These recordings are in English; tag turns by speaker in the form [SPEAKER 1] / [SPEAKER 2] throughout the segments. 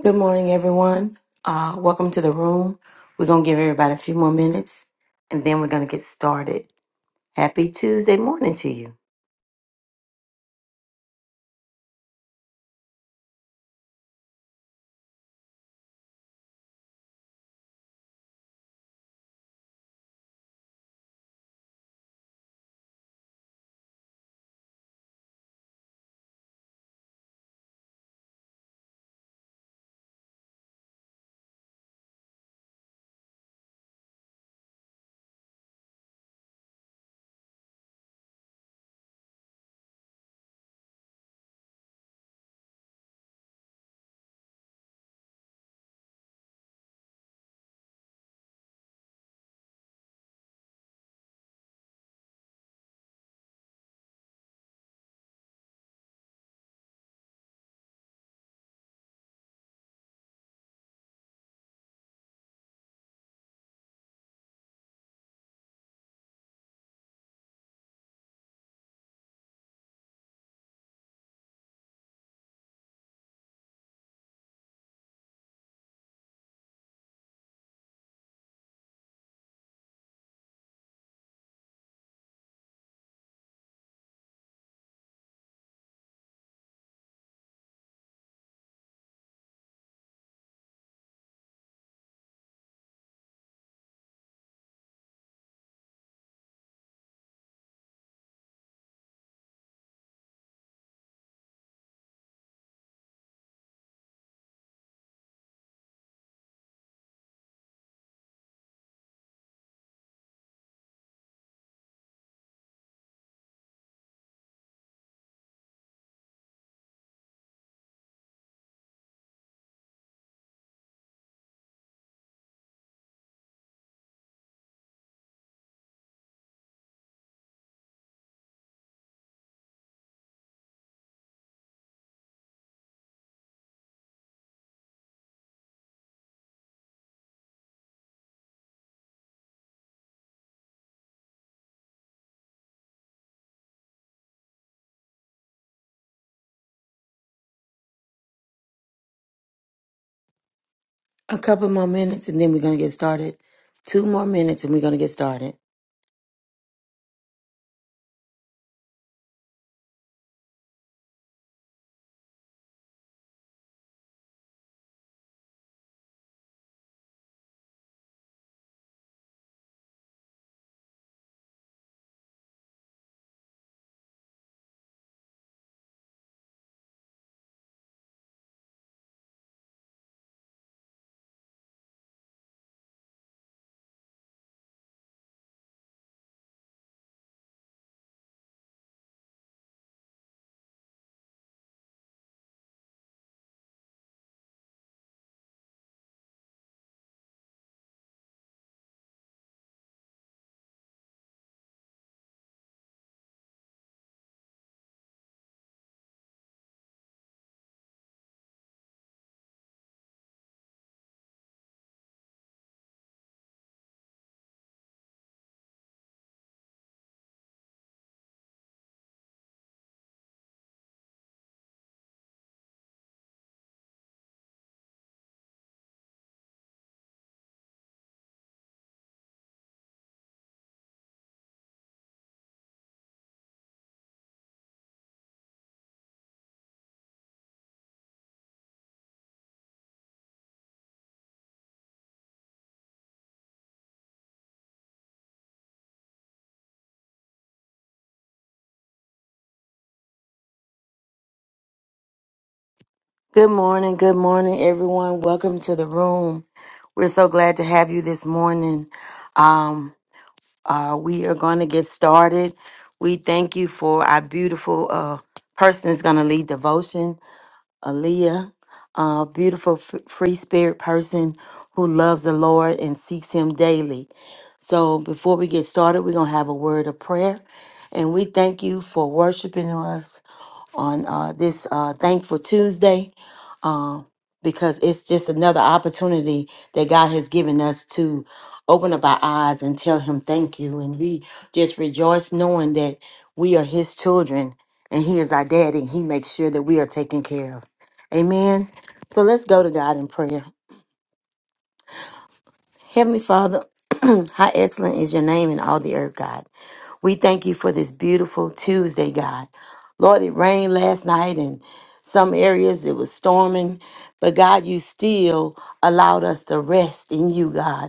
[SPEAKER 1] Good morning, everyone. Uh, welcome to the room. We're going to give everybody a few more minutes and then we're going to get started. Happy Tuesday morning to you. A couple more minutes and then we're going to get started. Two more minutes and we're going to get started. Good morning. Good morning, everyone. Welcome to the room. We're so glad to have you this morning. Um, uh, we are going to get started. We thank you for our beautiful uh, person is going to lead devotion. Aaliyah, a beautiful f- free spirit person who loves the Lord and seeks Him daily. So, before we get started, we're going to have a word of prayer. And we thank you for worshiping us on uh, this uh, Thankful Tuesday um, because it's just another opportunity that God has given us to open up our eyes and tell Him thank you. And we just rejoice knowing that we are His children and He is our daddy and He makes sure that we are taken care of. Amen. So let's go to God in prayer. Heavenly Father, how excellent is your name in all the earth, God. We thank you for this beautiful Tuesday, God. Lord, it rained last night and some areas it was storming, but God, you still allowed us to rest in you, God.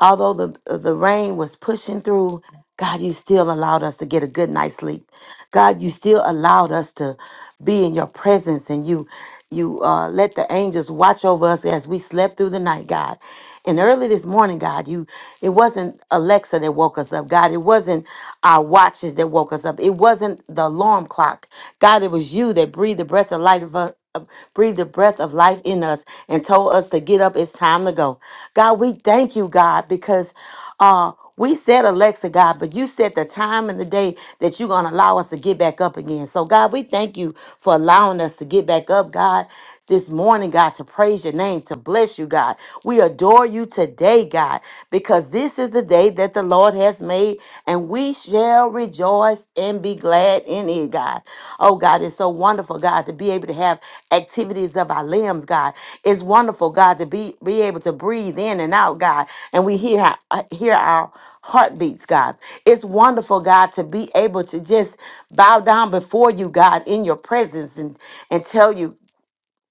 [SPEAKER 1] Although the, the rain was pushing through, God, you still allowed us to get a good night's sleep. God, you still allowed us to be in your presence and you you uh, let the angels watch over us as we slept through the night, God. And early this morning, God, you it wasn't Alexa that woke us up, God. It wasn't our watches that woke us up. It wasn't the alarm clock. God, it was you that breathed the breath of life uh, breathed the breath of life in us and told us to get up. It's time to go. God, we thank you, God, because uh, we said Alexa, God, but you said the time and the day that you're going to allow us to get back up again. So, God, we thank you for allowing us to get back up, God this morning, God, to praise your name, to bless you, God. We adore you today, God, because this is the day that the Lord has made, and we shall rejoice and be glad in it, God. Oh, God, it's so wonderful, God, to be able to have activities of our limbs, God. It's wonderful, God, to be, be able to breathe in and out, God, and we hear, our- uh, hear our heartbeats, God. It's wonderful, God, to be able to just bow down before you, God, in your presence and, and tell you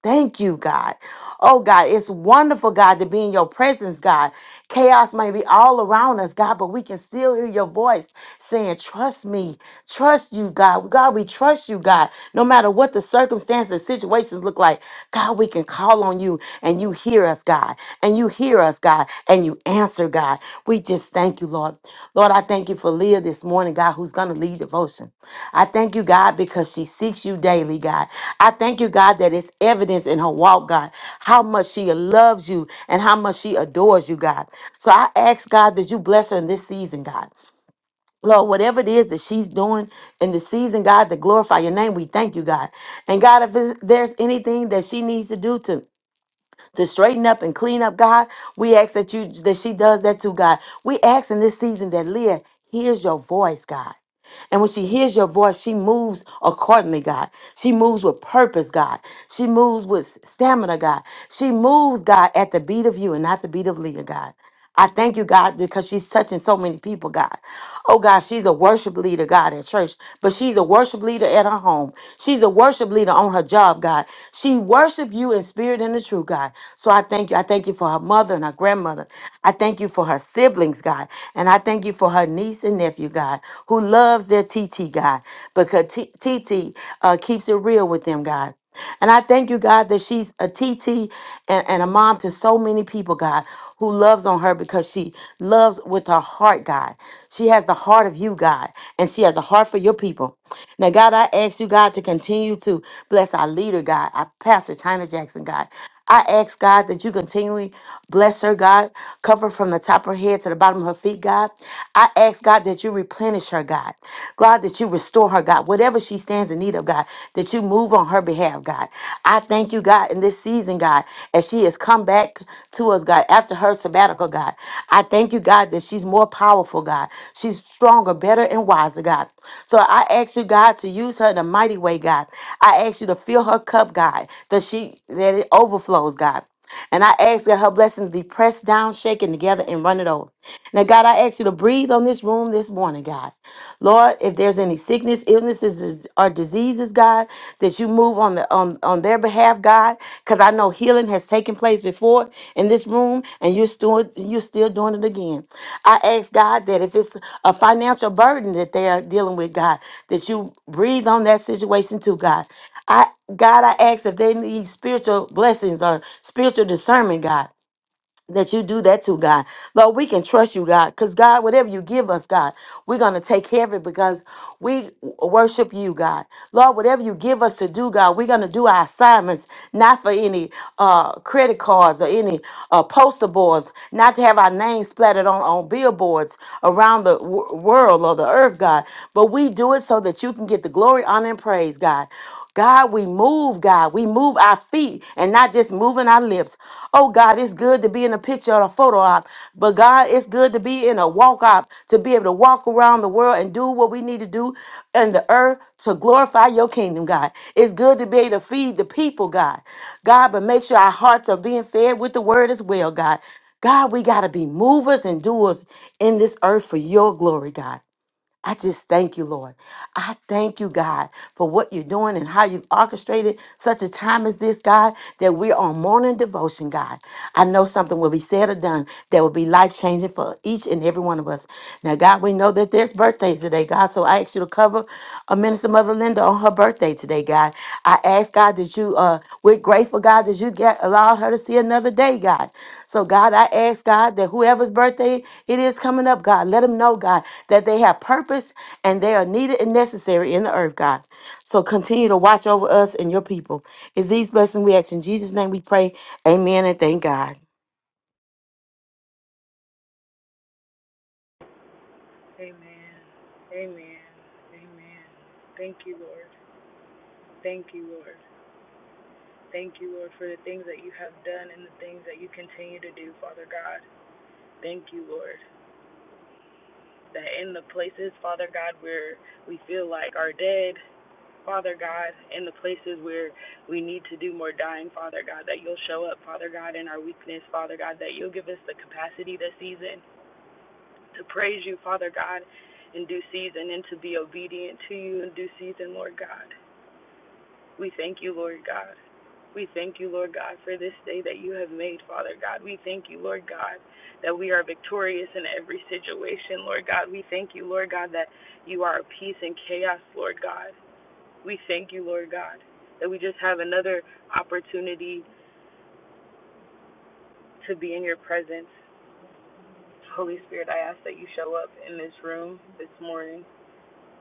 [SPEAKER 1] Thank you, God. Oh, God, it's wonderful, God, to be in your presence, God. Chaos may be all around us, God, but we can still hear your voice saying, Trust me, trust you, God. God, we trust you, God. No matter what the circumstances, situations look like, God, we can call on you and you hear us, God. And you hear us us, God, and you answer, God. We just thank you, Lord. Lord, I thank you for Leah this morning, God, who's going to lead devotion. I thank you, God, because she seeks you daily, God. I thank you, God, that it's evidence in her walk, God, how much she loves you and how much she adores you, God. So I ask, God, that you bless her in this season, God. Lord, whatever it is that she's doing in the season, God, to glorify your name, we thank you, God. And God, if it's- there's anything that she needs to do to to straighten up and clean up, God. We ask that you that she does that too, God. We ask in this season that Leah hears your voice, God. And when she hears your voice, she moves accordingly, God. She moves with purpose, God. She moves with stamina, God. She moves, God, at the beat of you and not the beat of Leah, God. I thank you, God, because she's touching so many people, God. Oh, God, she's a worship leader, God, at church, but she's a worship leader at her home. She's a worship leader on her job, God. She worship you in spirit and the truth, God. So I thank you. I thank you for her mother and her grandmother. I thank you for her siblings, God. And I thank you for her niece and nephew and nephew, God, who loves their TT, God, because T- TT uh, keeps it real with them, God. And I thank you, God, that she's a TT and, and a mom to so many people, God, who loves on her because she loves with her heart, God. She has the heart of you, God, and she has a heart for your people. Now, God, I ask you, God, to continue to bless our leader, God, our pastor, China Jackson, God. I ask, God, that you continually Bless her, God. Cover her from the top of her head to the bottom of her feet, God. I ask, God, that you replenish her, God. God, that you restore her, God. Whatever she stands in need of, God, that you move on her behalf, God. I thank you, God, in this season, God, as she has come back to us, God, after her sabbatical, God. I thank you, God, that she's more powerful, God. She's stronger, better, and wiser, God. So I ask you, God, to use her in a mighty way, God. I ask you to fill her cup, God, that she that it overflows, God. And I ask that her blessings be pressed down, shaken together, and run it over. Now, God, I ask you to breathe on this room this morning, God. Lord, if there's any sickness, illnesses, or diseases, God, that you move on the on, on their behalf, God, because I know healing has taken place before in this room, and you're still you're still doing it again. I ask God that if it's a financial burden that they are dealing with, God, that you breathe on that situation too, God. God, I ask if they need spiritual blessings or spiritual discernment, God. That you do that to God. Lord, we can trust you, God, because God, whatever you give us, God, we're going to take care of it because we worship you, God. Lord, whatever you give us to do, God, we're going to do our assignments, not for any uh, credit cards or any uh, poster boards, not to have our names splattered on, on billboards around the w- world or the earth, God, but we do it so that you can get the glory, honor, and praise, God. God, we move, God. We move our feet and not just moving our lips. Oh, God, it's good to be in a picture or a photo op, but God, it's good to be in a walk op, to be able to walk around the world and do what we need to do in the earth to glorify your kingdom, God. It's good to be able to feed the people, God. God, but make sure our hearts are being fed with the word as well, God. God, we got to be movers and doers in this earth for your glory, God. I just thank you, Lord. I thank you, God, for what you're doing and how you've orchestrated such a time as this, God, that we're on morning devotion, God. I know something will be said or done that will be life changing for each and every one of us. Now, God, we know that there's birthdays today, God, so I ask you to cover for uh, Minister Mother Linda on her birthday today, God. I ask God that you, uh, we're grateful, God, that you get allowed her to see another day, God. So, God, I ask God that whoever's birthday it is coming up, God, let them know, God, that they have purpose and they are needed and necessary in the earth, God. So, continue to watch over us and your people. It's these blessings we ask in Jesus' name. We pray. Amen and thank God.
[SPEAKER 2] Amen. Amen. Amen. Thank you, Lord. Thank you, Lord. Thank you, Lord, for the things that you have done and the things that you continue to do, Father God. Thank you, Lord, that in the places, Father God, where we feel like are dead, Father God, in the places where we need to do more dying, Father God, that you'll show up, Father God, in our weakness, Father God, that you'll give us the capacity this season to praise you, Father God, in due season and to be obedient to you in due season, Lord God. We thank you, Lord God. We thank you, Lord God, for this day that you have made, Father God. We thank you, Lord God, that we are victorious in every situation, Lord God. We thank you, Lord God, that you are a peace in chaos, Lord God. We thank you, Lord God, that we just have another opportunity to be in your presence. Holy Spirit, I ask that you show up in this room this morning.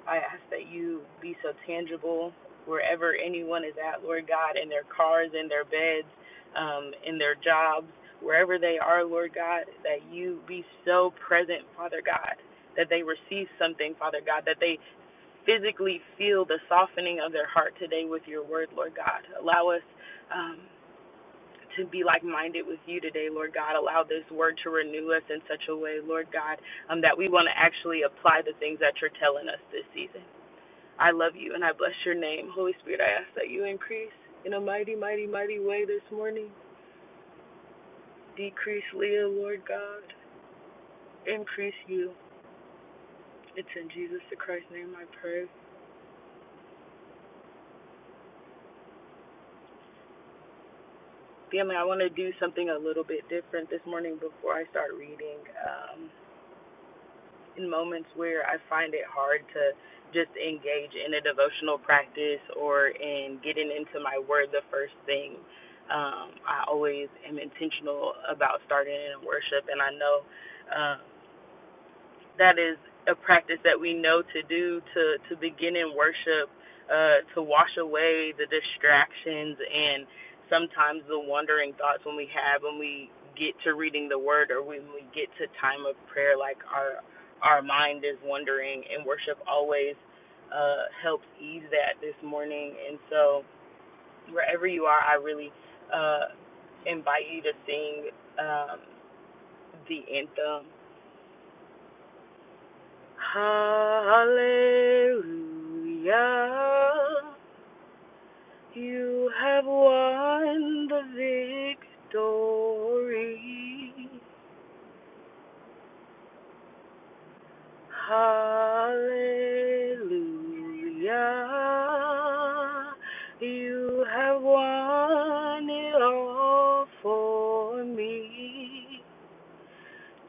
[SPEAKER 2] I ask that you be so tangible wherever anyone is at, Lord God, in their cars, in their beds, um, in their jobs, wherever they are, Lord God, that you be so present, Father God, that they receive something, Father God, that they physically feel the softening of their heart today with your word, Lord God. Allow us. Um, to be like minded with you today, Lord God. Allow this word to renew us in such a way, Lord God, um, that we want to actually apply the things that you're telling us this season. I love you and I bless your name. Holy Spirit, I ask that you increase in a mighty, mighty, mighty way this morning. Decrease Leah, Lord God. Increase you. It's in Jesus the Christ's name I pray. Family, I want to do something a little bit different this morning before I start reading. Um, in moments where I find it hard to just engage in a devotional practice or in getting into my word the first thing. Um, I always am intentional about starting in worship, and I know um, that is a practice that we know to do to to begin in worship uh to wash away the distractions and sometimes the wandering thoughts when we have when we get to reading the word or when we get to time of prayer like our our mind is wandering and worship always uh helps ease that this morning and so wherever you are I really uh invite you to sing um the anthem Hallelujah. You have won the victory. Hallelujah. You have won it all for me.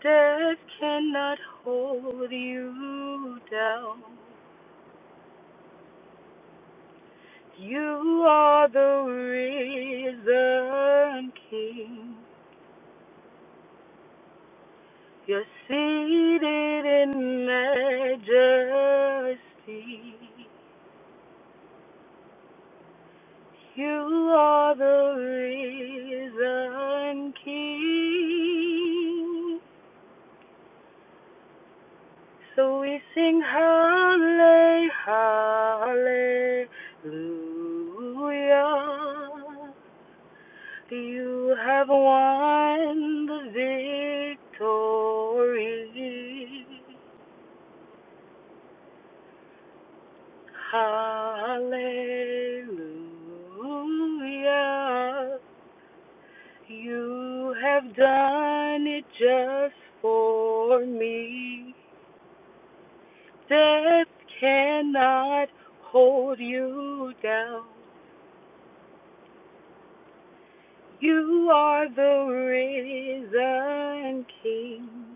[SPEAKER 2] Death cannot hold you down. You are the risen King. You're seated in majesty. You are the risen King. So we sing hallelujah, hallelujah. You have won the victory. Hallelujah. You have done it just for me. Death cannot hold you down. You are the risen King.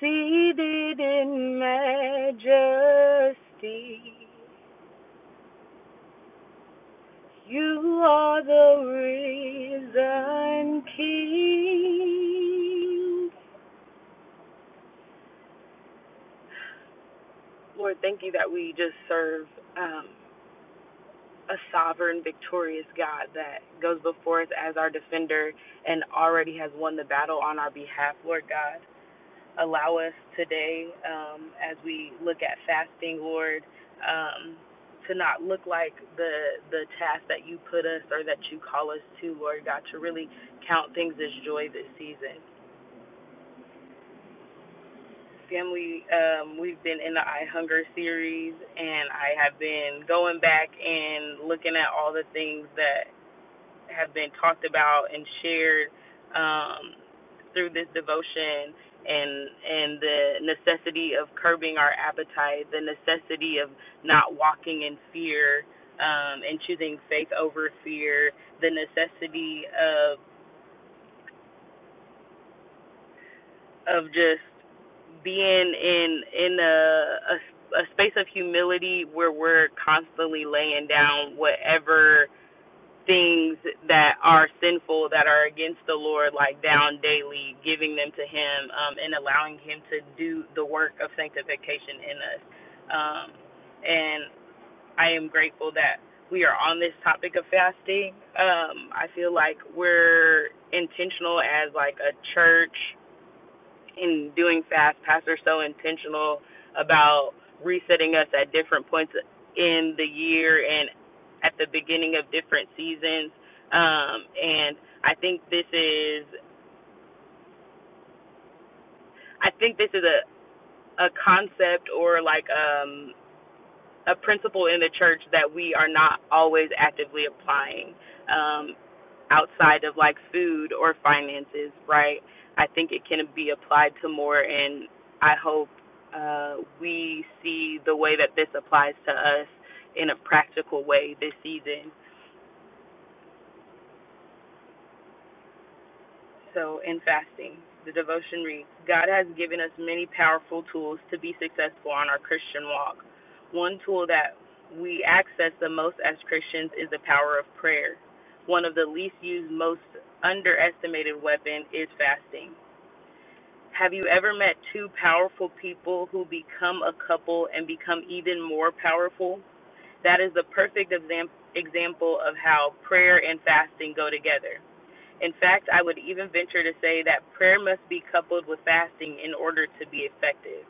[SPEAKER 2] Seated in majesty, you are the risen King. Lord, thank you that we just serve um, a sovereign, victorious God that goes before us as our defender and already has won the battle on our behalf, Lord God. allow us today um, as we look at fasting, Lord, um, to not look like the the task that you put us or that you call us to, Lord God, to really count things as joy this season. Family, um, we've been in the I Hunger series, and I have been going back and looking at all the things that have been talked about and shared um, through this devotion and and the necessity of curbing our appetite, the necessity of not walking in fear um, and choosing faith over fear, the necessity of of just being in in a, a a space of humility where we're constantly laying down whatever things that are sinful that are against the Lord like down daily, giving them to him um and allowing him to do the work of sanctification in us. Um and I am grateful that we are on this topic of fasting. Um I feel like we're intentional as like a church in doing fast pass are so intentional about resetting us at different points in the year and at the beginning of different seasons um and i think this is i think this is a a concept or like um a principle in the church that we are not always actively applying Um, outside of like food or finances, right? I think it can be applied to more, and I hope uh, we see the way that this applies to us in a practical way this season. So, in fasting, the devotion reads God has given us many powerful tools to be successful on our Christian walk. One tool that we access the most as Christians is the power of prayer. One of the least used, most underestimated weapon is fasting. Have you ever met two powerful people who become a couple and become even more powerful? That is the perfect exam- example of how prayer and fasting go together. In fact, I would even venture to say that prayer must be coupled with fasting in order to be effective.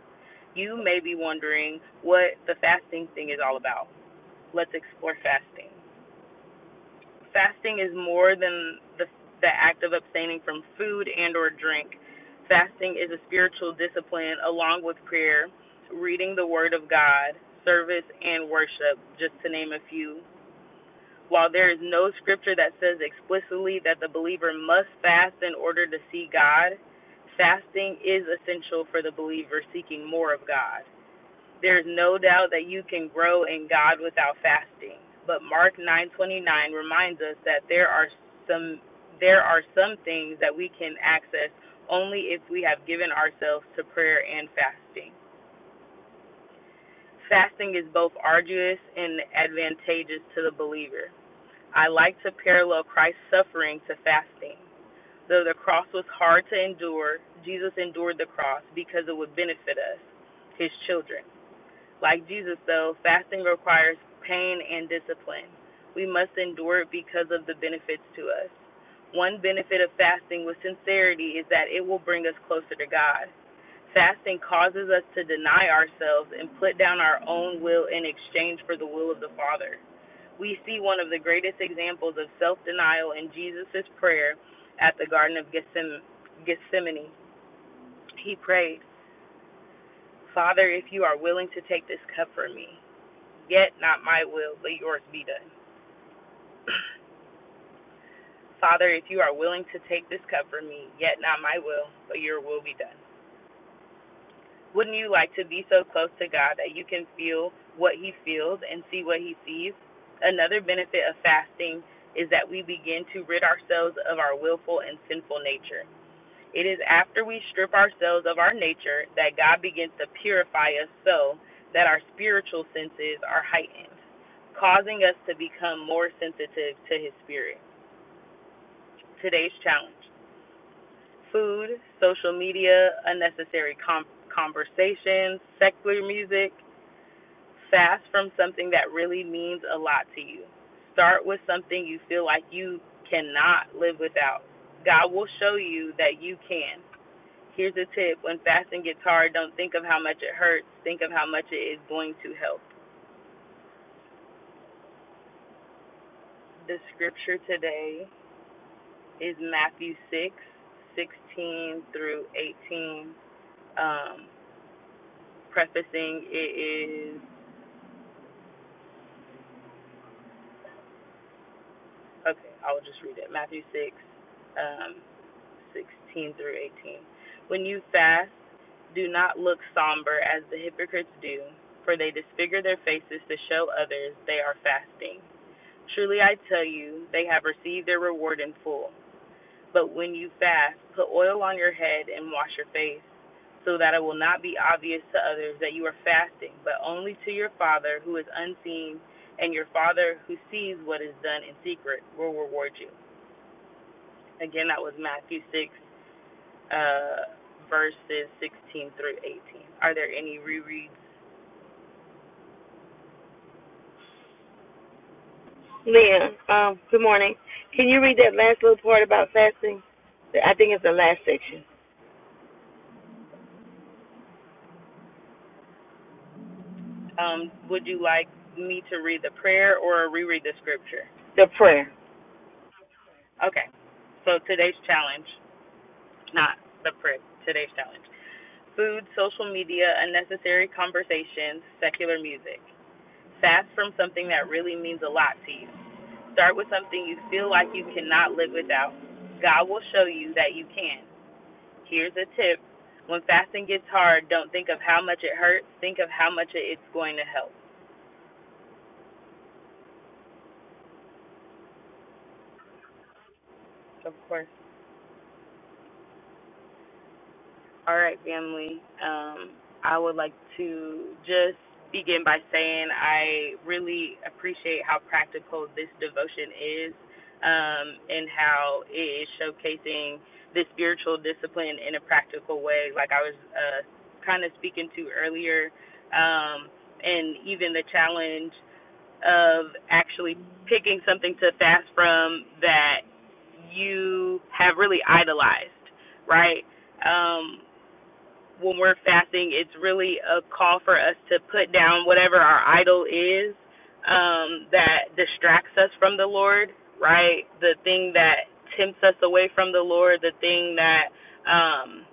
[SPEAKER 2] You may be wondering what the fasting thing is all about. Let's explore fasting fasting is more than the, the act of abstaining from food and or drink fasting is a spiritual discipline along with prayer reading the word of god service and worship just to name a few while there is no scripture that says explicitly that the believer must fast in order to see god fasting is essential for the believer seeking more of god there's no doubt that you can grow in God without fasting. But Mark 9:29 reminds us that there are some there are some things that we can access only if we have given ourselves to prayer and fasting. Fasting is both arduous and advantageous to the believer. I like to parallel Christ's suffering to fasting. Though the cross was hard to endure, Jesus endured the cross because it would benefit us, his children. Like Jesus, though, fasting requires pain and discipline. We must endure it because of the benefits to us. One benefit of fasting with sincerity is that it will bring us closer to God. Fasting causes us to deny ourselves and put down our own will in exchange for the will of the Father. We see one of the greatest examples of self denial in Jesus' prayer at the Garden of Gethsemane. He prayed, Father, if you are willing to take this cup from me, Yet not my will, but yours be done. Father, if you are willing to take this cup from me, yet not my will, but your will be done. Wouldn't you like to be so close to God that you can feel what he feels and see what he sees? Another benefit of fasting is that we begin to rid ourselves of our willful and sinful nature. It is after we strip ourselves of our nature that God begins to purify us so that our spiritual senses are heightened, causing us to become more sensitive to His Spirit. Today's challenge food, social media, unnecessary com- conversations, secular music. Fast from something that really means a lot to you. Start with something you feel like you cannot live without. God will show you that you can. Here's a tip when fasting gets hard, don't think of how much it hurts, think of how much it is going to help. The scripture today is Matthew 6 16 through 18. Um, prefacing it is, okay, I'll just read it. Matthew 6 um, 16 through 18. When you fast, do not look somber as the hypocrites do, for they disfigure their faces to show others they are fasting. Truly I tell you, they have received their reward in full. But when you fast, put oil on your head and wash your face, so that it will not be obvious to others that you are fasting, but only to your Father who is unseen, and your Father who sees what is done in secret will reward you. Again, that was Matthew 6, uh, verses 16 through 18. Are there any rereads?
[SPEAKER 1] Leah, um, good morning. Can you read that last little part about fasting? I think it's the last section.
[SPEAKER 2] Um, would you like me to read the prayer or reread the scripture?
[SPEAKER 1] The prayer.
[SPEAKER 2] Okay, so today's challenge. not the prep, today's challenge. Food, social media, unnecessary conversations, secular music. Fast from something that really means a lot to you. Start with something you feel like you cannot live without. God will show you that you can. Here's a tip when fasting gets hard, don't think of how much it hurts, think of how much it's going to help. Of course, All right, family. Um, I would like to just begin by saying I really appreciate how practical this devotion is um, and how it is showcasing the spiritual discipline in a practical way, like I was uh, kind of speaking to earlier, um, and even the challenge of actually picking something to fast from that you have really idolized, right? Um, when we're fasting, it's really a call for us to put down whatever our idol is um, that distracts us from the Lord, right? The thing that tempts us away from the Lord, the thing that um,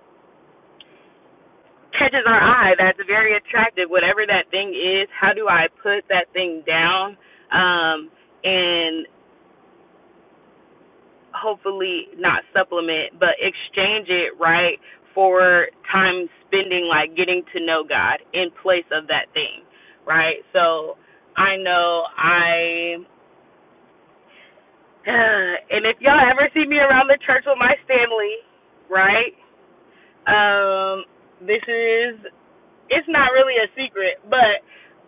[SPEAKER 2] catches our eye that's very attractive, whatever that thing is, how do I put that thing down um, and hopefully not supplement, but exchange it right for time spending like getting to know God in place of that thing, right? So I know I, and if y'all ever see me around the church with my Stanley, right? Um, this is it's not really a secret, but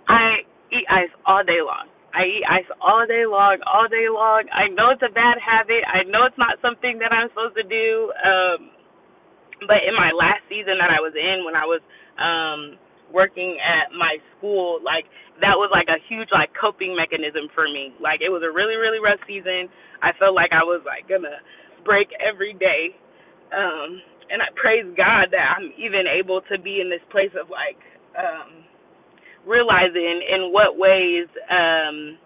[SPEAKER 2] I eat ice all day long. I eat ice all day long, all day long. I know it's a bad habit. I know it's not something that I'm supposed to do. Um but in my last season that I was in when I was um working at my school like that was like a huge like coping mechanism for me like it was a really really rough season I felt like I was like gonna break every day um and I praise God that I'm even able to be in this place of like um realizing in what ways um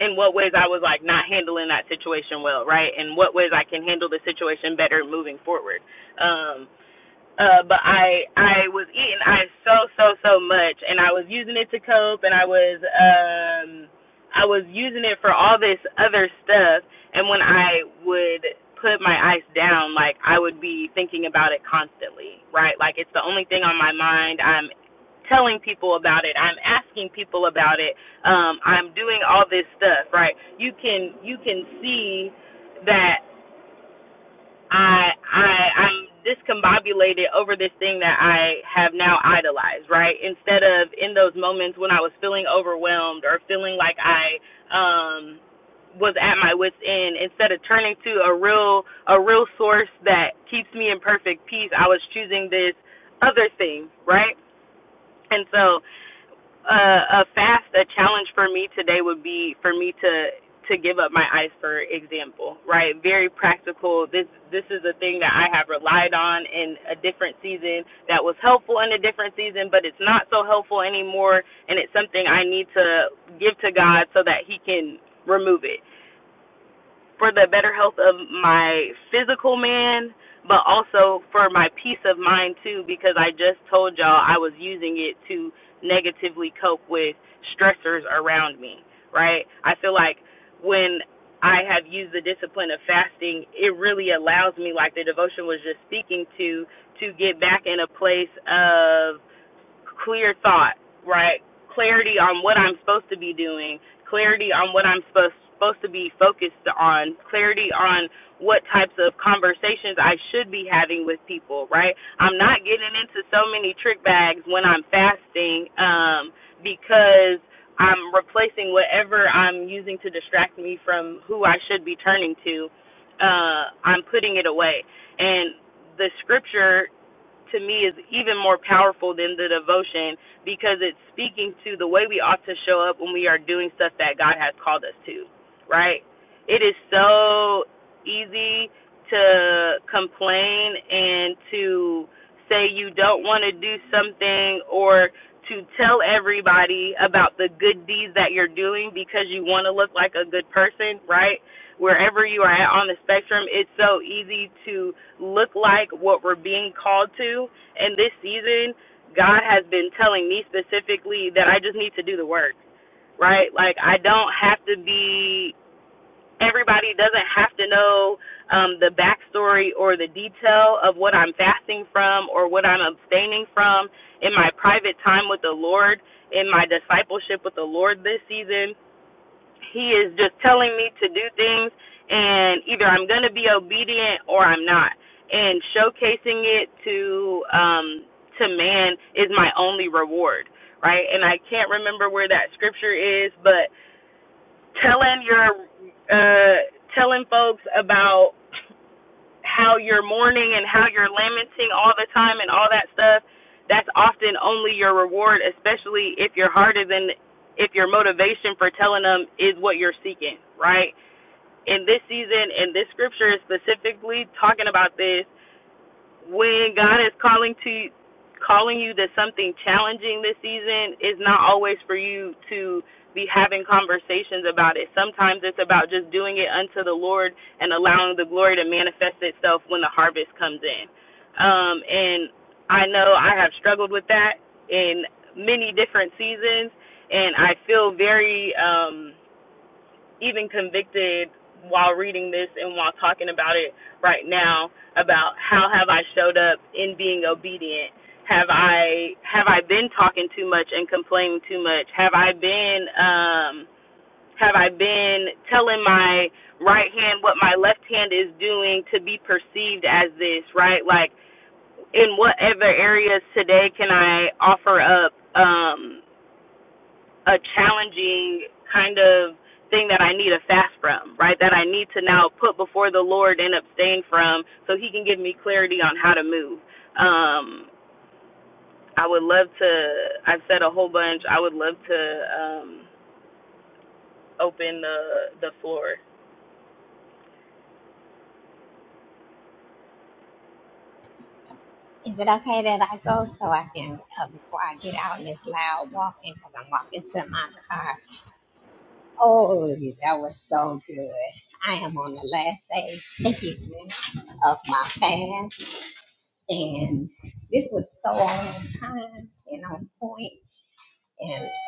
[SPEAKER 2] in what ways I was like not handling that situation well, right? And what ways I can handle the situation better moving forward. Um uh, but I I was eating ice so so so much, and I was using it to cope, and I was um I was using it for all this other stuff. And when I would put my ice down, like I would be thinking about it constantly, right? Like it's the only thing on my mind. I'm telling people about it. I'm asking people about it. Um, I'm doing all this stuff, right? You can you can see that I I I'm discombobulated over this thing that I have now idolized, right? Instead of in those moments when I was feeling overwhelmed or feeling like I um was at my wits end, instead of turning to a real a real source that keeps me in perfect peace, I was choosing this other thing, right? And so a, a fast, a challenge for me today would be for me to to give up my ice, for example, right? Very practical. This this is a thing that I have relied on in a different season that was helpful in a different season, but it's not so helpful anymore, and it's something I need to give to God so that He can remove it for the better health of my physical man, but also for my peace of mind too, because I just told y'all I was using it to negatively cope with stressors around me, right? I feel like when I have used the discipline of fasting, it really allows me, like the devotion was just speaking to, to get back in a place of clear thought, right? Clarity on what I'm supposed to be doing, clarity on what I'm supposed supposed to be focused on, clarity on what types of conversations I should be having with people, right? I'm not getting into so many trick bags when I'm fasting um because I'm replacing whatever I'm using to distract me from who I should be turning to. Uh I'm putting it away. And the scripture to me is even more powerful than the devotion because it's speaking to the way we ought to show up when we are doing stuff that God has called us to, right? It is so easy to complain and to say you don't want to do something or to tell everybody about the good deeds that you're doing because you want to look like a good person, right? wherever you are at on the spectrum, it's so easy to look like what we're being called to. And this season, God has been telling me specifically that I just need to do the work, right? Like, I don't have to be, everybody doesn't have to know um, the backstory or the detail of what I'm fasting from or what I'm abstaining from in my private time with the Lord, in my discipleship with the Lord this season he is just telling me to do things and either I'm going to be obedient or I'm not. And showcasing it to um to man is my only reward, right? And I can't remember where that scripture is, but telling your uh telling folks about how you're mourning and how you're lamenting all the time and all that stuff, that's often only your reward, especially if your heart is in, if your motivation for telling them is what you're seeking, right? In this season, and this scripture is specifically talking about this, when God is calling to calling you to something challenging this season, it's not always for you to be having conversations about it. Sometimes it's about just doing it unto the Lord and allowing the glory to manifest itself when the harvest comes in. Um, and I know I have struggled with that in many different seasons, and I feel very um, even convicted while reading this and while talking about it right now about how have I showed up in being obedient? Have I have I been talking too much and complaining too much? Have I been um have I been telling my right hand what my left hand is doing to be perceived as this, right? Like in what other areas today can I offer up um a challenging kind of thing that I need a fast from, right? That I need to now put before the Lord and abstain from so he can give me clarity on how to move. Um I would love to I've said a whole bunch. I would love to um open the the floor.
[SPEAKER 3] Is it okay that I go so I can, uh, before I get out in this loud walking, because I'm walking to my car? Oh, that was so good. I am on the last day again of my fast, and this was so on time and on point. And uh,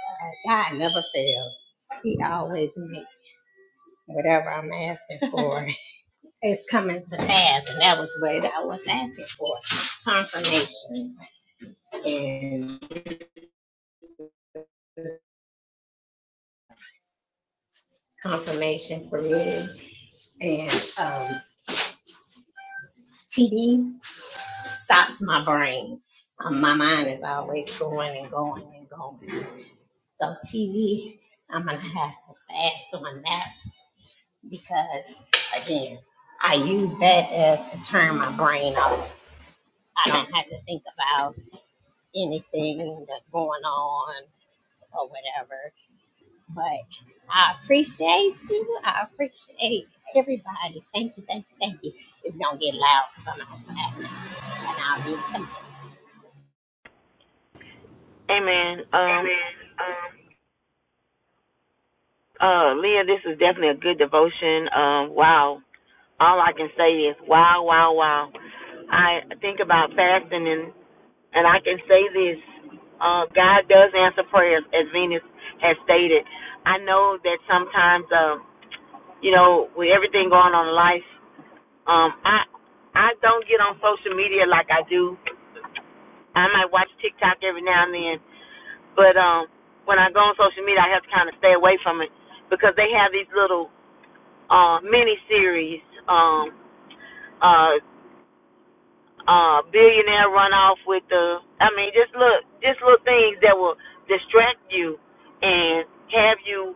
[SPEAKER 3] God never fails, He always makes whatever I'm asking for. it's coming to pass, and that was what I was asking for confirmation. and. confirmation for me. And um, TD stops my brain. Um, my mind is always going and going and going. So TV, I'm gonna have to fast on that because again, I use that as to turn my brain off. I don't have to think about anything that's going on or whatever. But I appreciate you. I appreciate everybody. Thank you, thank you, thank you. It's gonna get loud because I'm outside, and I'll be
[SPEAKER 1] Amen.
[SPEAKER 4] Amen.
[SPEAKER 1] Um,
[SPEAKER 4] Um,
[SPEAKER 1] uh, Leah, this is definitely a good devotion. Um, wow. All I can say is wow, wow, wow. I think about fasting and and I can say this. Uh, God does answer prayers, as Venus has stated. I know that sometimes, uh, you know, with everything going on in life, um, I I don't get on social media like I do. I might watch TikTok every now and then, But um, when I go on social media, I have to kind of stay away from it because they have these little uh, mini series. Um, uh, uh, billionaire run off with the. I mean, just look, just little things that will distract you and have you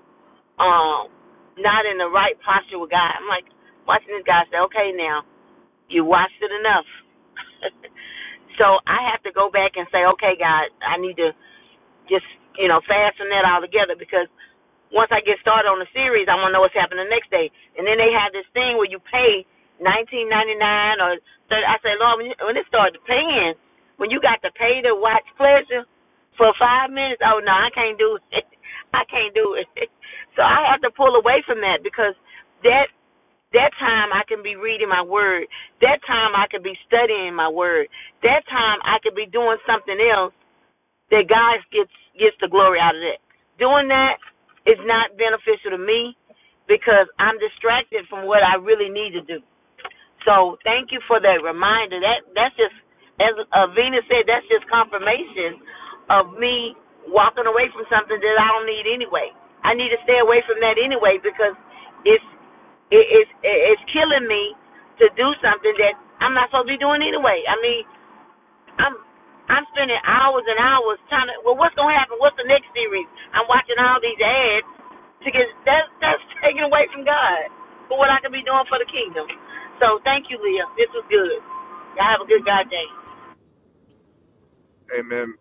[SPEAKER 1] um not in the right posture with God. I'm like watching this guy say, okay, now you watched it enough. so I have to go back and say, okay, God, I need to. just you know fasten that all together because once I get started on the series, I want to know what's happening the next day. And then they have this thing where you pay nineteen ninety nine or 30, I say, Lord, when, you, when it started paying, when you got to pay to watch pleasure for five minutes, oh no, I can't do it. I can't do it. So I have to pull away from that because that that time I can be reading my word. That time I can be studying my word. That time I could be doing something else that God gets gets the glory out of that. Doing that is not beneficial to me because I'm distracted from what I really need to do. So thank you for that reminder. That that's just as uh, Venus said, that's just confirmation of me walking away from something that I don't need anyway. I need to stay away from that anyway because it's it, it's it's killing me to do something that I'm not supposed to be doing anyway. I mean, I'm I'm spending hours and hours trying to. Well, what's gonna happen? What's the next series? I'm watching all these ads to get that's that's taken away from God for what I can be doing for the kingdom. So thank you, Leah. This was good. Y'all have a good God day.
[SPEAKER 4] Amen,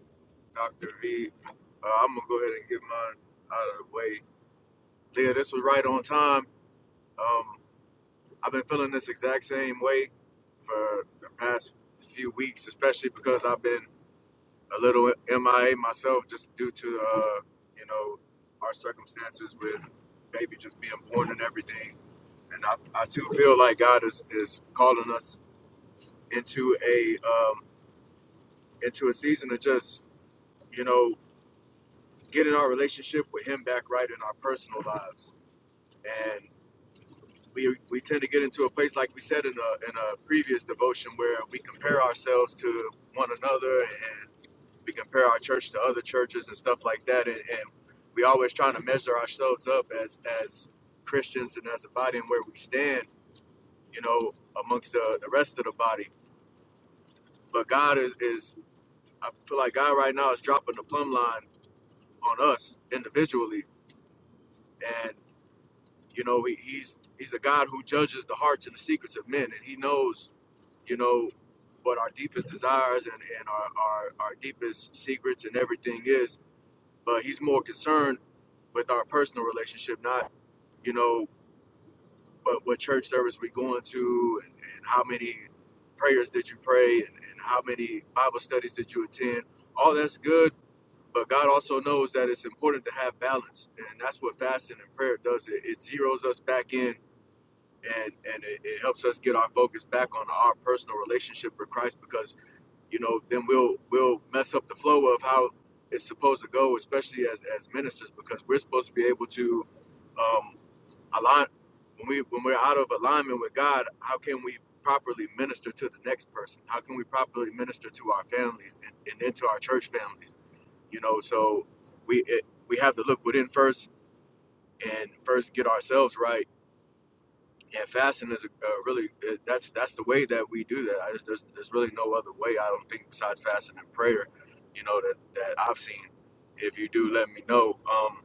[SPEAKER 4] Dr. V. Uh, I'm going to go ahead and get mine out of the way. Leah, this was right on time. Um, I've been feeling this exact same way for the past few weeks, especially because I've been a little MIA myself just due to, uh, you know, our circumstances with baby just being born and everything. And I, I too feel like God is, is calling us into a um, into a season of just, you know, getting our relationship with him back right in our personal lives. And we, we tend to get into a place, like we said in a, in a previous devotion, where we compare ourselves to one another and we compare our church to other churches and stuff like that. And, and we always trying to measure ourselves up as, as Christians and as a body and where we stand, you know, amongst the, the rest of the body. But God is, is, I feel like God right now is dropping the plumb line on us individually and. You know, he, he's he's a God who judges the hearts and the secrets of men, and he knows, you know, what our deepest desires and, and our, our, our deepest secrets and everything is. But he's more concerned with our personal relationship, not, you know, what, what church service we going to and, and how many prayers did you pray and, and how many Bible studies did you attend. All that's good, but God also knows that it's important to have balance. And that's what fasting and prayer does. It, it zeroes us back in and and it, it helps us get our focus back on our personal relationship with Christ because you know then we'll we'll mess up the flow of how it's supposed to go, especially as as ministers because we're supposed to be able to um, align when we when we're out of alignment with God. How can we properly minister to the next person? How can we properly minister to our families and, and then to our church families? You know, so we it, we have to look within first and first get ourselves right yeah, fasting is a, a really it, that's that's the way that we do that. I just, there's there's really no other way. I don't think besides fasting and prayer, you know that that I've seen. If you do, let me know. Um,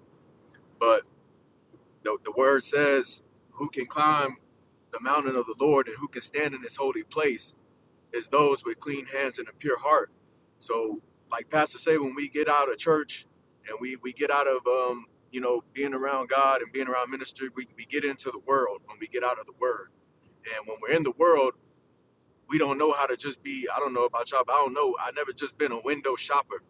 [SPEAKER 4] but the the word says, "Who can climb the mountain of the Lord and who can stand in His holy place is those with clean hands and a pure heart." So, like Pastor say, when we get out of church and we we get out of um you know being around God and being around ministry, we we get into the world when we get out of the word and when we're in the world, we don't know how to just be. I don't know about y'all, but I don't know. I never just been a window shopper.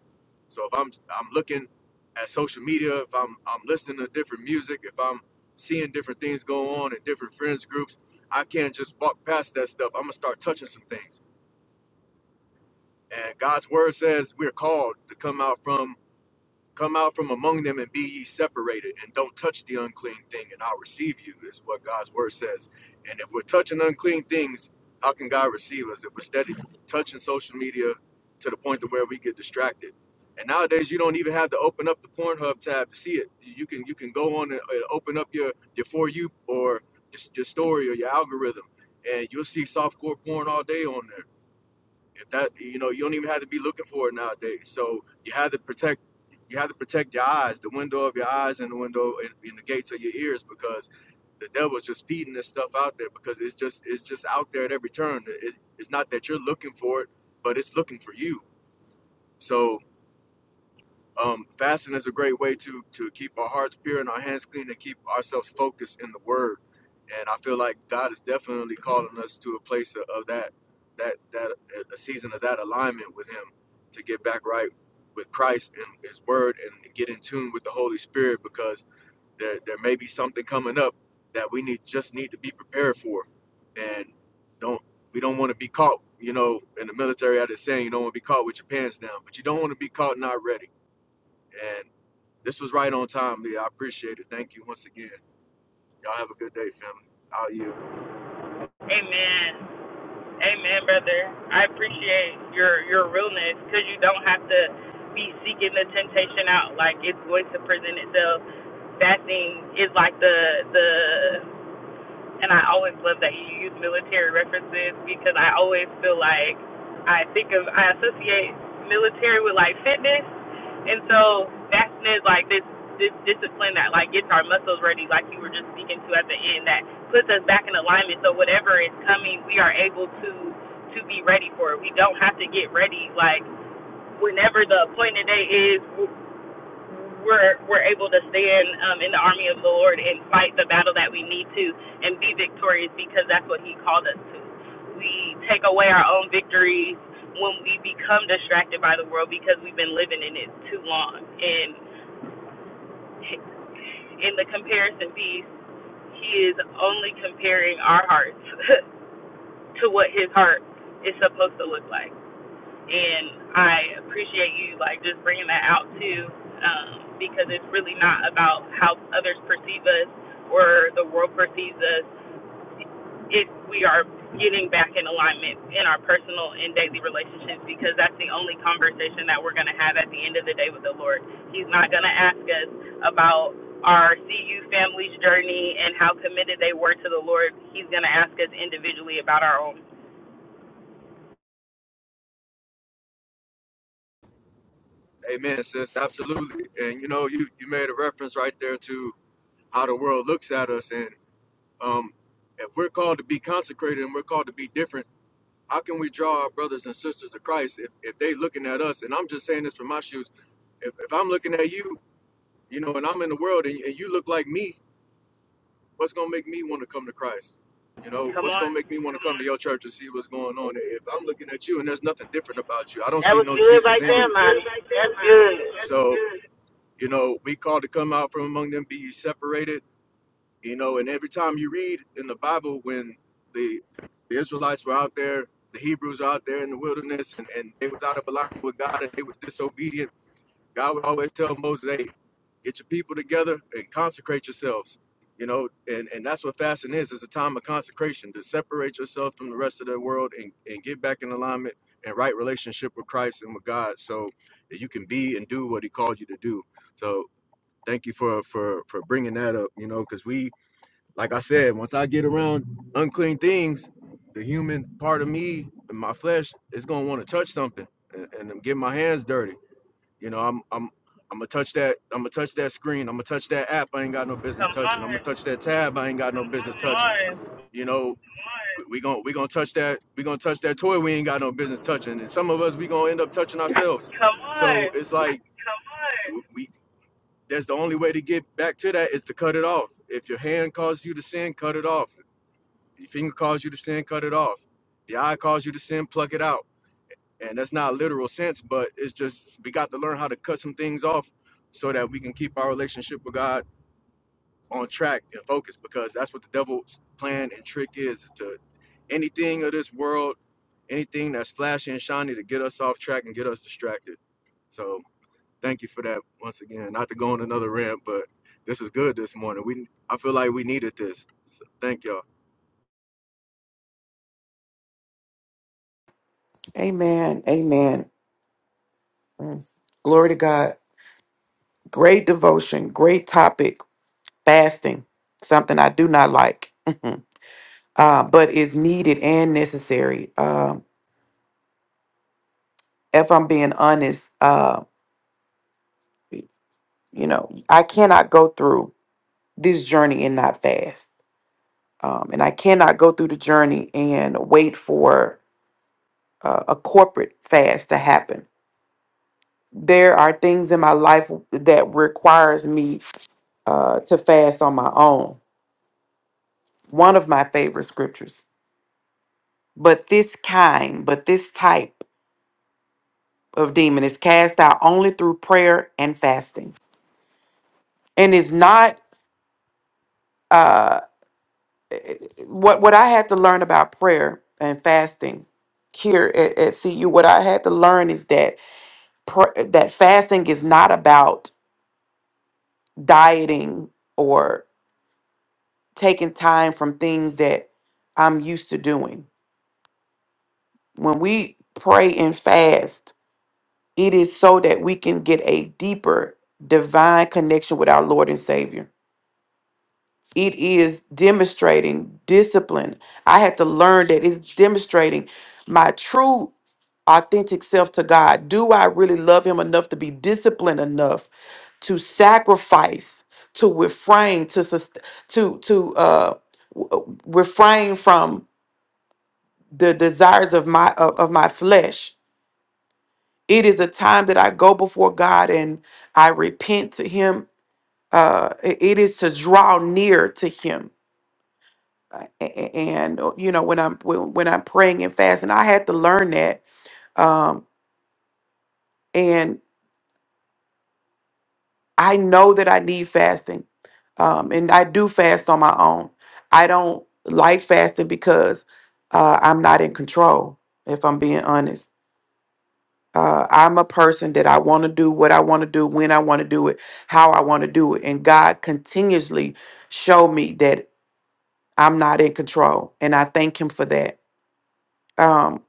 [SPEAKER 4] So if I'm I'm looking at social media, if I'm I'm listening to different music, if I'm seeing different things go on in different friends groups, I can't just walk past that stuff. I'm gonna start touching some things. And God's word says we're called to come out from Come out from among them and be ye separated, and don't touch the unclean thing, and I'll receive you, is what God's word says. And if we're touching unclean things, how can God receive us? If we're steady touching social media to the point to where we get distracted. And nowadays you don't even have to open up the Pornhub tab to see it. You can you can go on and and open up your your for you or just your story or your algorithm and you'll see softcore porn all day on there if that you know you don't even have to be looking for it nowadays so you have to protect you have to protect your eyes the window of your eyes and the window and, and the gates of your ears because the devil's just feeding this stuff out there because it's just it's just out there at every turn it, it's not that you're looking for it but it's looking for you so um, fasting is a great way to to keep our hearts pure and our hands clean and keep ourselves focused in the Word. And I feel like God is definitely calling us to a place of, of that that that a season of that alignment with Him to get back right with Christ and His Word and get in tune with the Holy Spirit because there there may be something coming up that we need just need to be prepared for, and don't we don't want to be caught. You know, in the military, I just saying you don't want to be caught with your pants down, but you don't want to be caught not ready this was right on time, Leah. I appreciate it. Thank you once again. Y'all have a good day, family. Out you.
[SPEAKER 2] Amen. Amen, brother. I appreciate your your realness cuz you don't have to be seeking the temptation out like it's going to present itself fasting is like the the And I always love that you use military references because I always feel like I think of I associate military with like fitness, and so that's like this this discipline that like gets our muscles ready, like you were just speaking to at the end, that puts us back in alignment. So whatever is coming, we are able to to be ready for it. We don't have to get ready like whenever the appointed day is we're we're able to stand um, in the army of the Lord and fight the battle that we need to and be victorious because that's what He called us to. We take away our own victories when we become distracted by the world because we've been living in it too long. And in the comparison piece, He is only comparing our hearts to what His heart is supposed to look like and I appreciate you like just bringing that out too, um, because it's really not about how others perceive us or the world perceives us. If we are getting back in alignment in our personal and daily relationships, because that's the only conversation that we're going to have at the end of the day with the Lord. He's not going to ask us about our CU family's journey and how committed they were to the Lord. He's going to ask us individually about our own.
[SPEAKER 4] Amen, sis. Absolutely. And you know, you you made a reference right there to how the world looks at us, and um, if we're called to be consecrated and we're called to be different, how can we draw our brothers and sisters to Christ if if they looking at us? And I'm just saying this from my shoes. If if I'm looking at you, you know, and I'm in the world, and, and you look like me, what's gonna make me want to come to Christ? You know,
[SPEAKER 2] Come
[SPEAKER 4] what's
[SPEAKER 2] on,
[SPEAKER 4] gonna make me want to come to your church and see what's going on? If I'm looking at you and there's nothing different about you, I don't
[SPEAKER 1] That
[SPEAKER 4] see
[SPEAKER 1] was
[SPEAKER 4] no
[SPEAKER 1] good
[SPEAKER 4] Jesus
[SPEAKER 1] right
[SPEAKER 4] That in was
[SPEAKER 1] there,
[SPEAKER 4] you. That was good
[SPEAKER 1] Lonnie.
[SPEAKER 4] right
[SPEAKER 1] That's
[SPEAKER 4] there, man. That's
[SPEAKER 1] good,
[SPEAKER 4] So, good. you know, we called to come out from among them, be ye separated. You know, and every time you read in the Bible when the, the Israelites were out there, the Hebrews were out there in the wilderness, and, and they was out of alignment with God, and they was disobedient God would always tell Moses, hey, get your people together and consecrate yourselves. You know, and, and that's what fasting is. It's a time of consecration to separate yourself from the rest of the world and, and get back in alignment and right relationship with Christ and with God so that you can be and do what he called you to do. So thank you for for for bringing that up, you know, cuz we like I said, once I get around unclean things, the human part of me and my flesh is going to want to touch something and, and get my hands dirty you know, I'm I'm I'm gonna touch that. I'm gonna touch that screen. I'm gonna touch that app. I ain't got no business
[SPEAKER 2] come
[SPEAKER 4] touching. I'm gonna
[SPEAKER 2] on,
[SPEAKER 4] touch that tab. I ain't got no business
[SPEAKER 2] come
[SPEAKER 4] touching.
[SPEAKER 2] on.
[SPEAKER 4] You know, we we gonna we gonna touch that. We gonna touch that toy. We ain't got no business touching. And some of us we gonna end up touching ourselves.
[SPEAKER 2] Come
[SPEAKER 4] So
[SPEAKER 2] on.
[SPEAKER 4] it's like come on. we. That's the only way to get back to that is to cut it off. If your hand causes you to sin, cut it off. If Your finger causes you to sin, cut it off. The eye causes you to sin, pluck it out and that's not literal sense, but it's just we got to learn how to cut some things off so that we can keep our relationship with God on track and focused because that's what the devil's plan and trick is, is to anything of this world, anything that's flashy and shiny to get us off track and get us distracted. So thank you for that once again. Not to go on another rant, but this is good this morning. We I feel like we needed this. So thank y'all.
[SPEAKER 5] Amen. Amen. Mm. Glory to God. Great devotion, great topic, fasting, something I do not like, uh, but is needed and necessary. Um, if I'm being honest, uh, you know, I cannot go through this journey and not fast. Um, and I cannot go through the journey and wait for uh, a corporate fast to happen. There are things in my life that requires me uh, to fast on my own one of my favorite scriptures. But this kind, but this type of demon is cast out only through prayer and fasting. And is not uh what what I had to learn about prayer and fasting here at, at CU, what I had to learn is that pr- that fasting is not about dieting or taking time from things that I'm used to doing. When we pray and fast, It is so that we can get a deeper divine connection with our Lord and Savior. It is demonstrating discipline. I had to learn that it's demonstrating my true authentic self to God. Do I really love Him enough to be disciplined enough to sacrifice, to refrain, to sus- to to uh, w- uh, refrain from the desires of my of of my flesh? It is a time that I go before God and I repent to Him. Uh, i- it is to draw near to Him, Uh, a- a- and uh, you know when I'm when, when I'm praying and fasting, I had to learn that, um, and I know that I need fasting, um, and I do fast on my own. I don't like fasting because uh, I'm not in control. If I'm being honest Uh, I'm a person that I want to do what I want to do, when I want to do it, how I want to do it. And God continuously showed me that I'm not in control. And I thank Him for that. Um,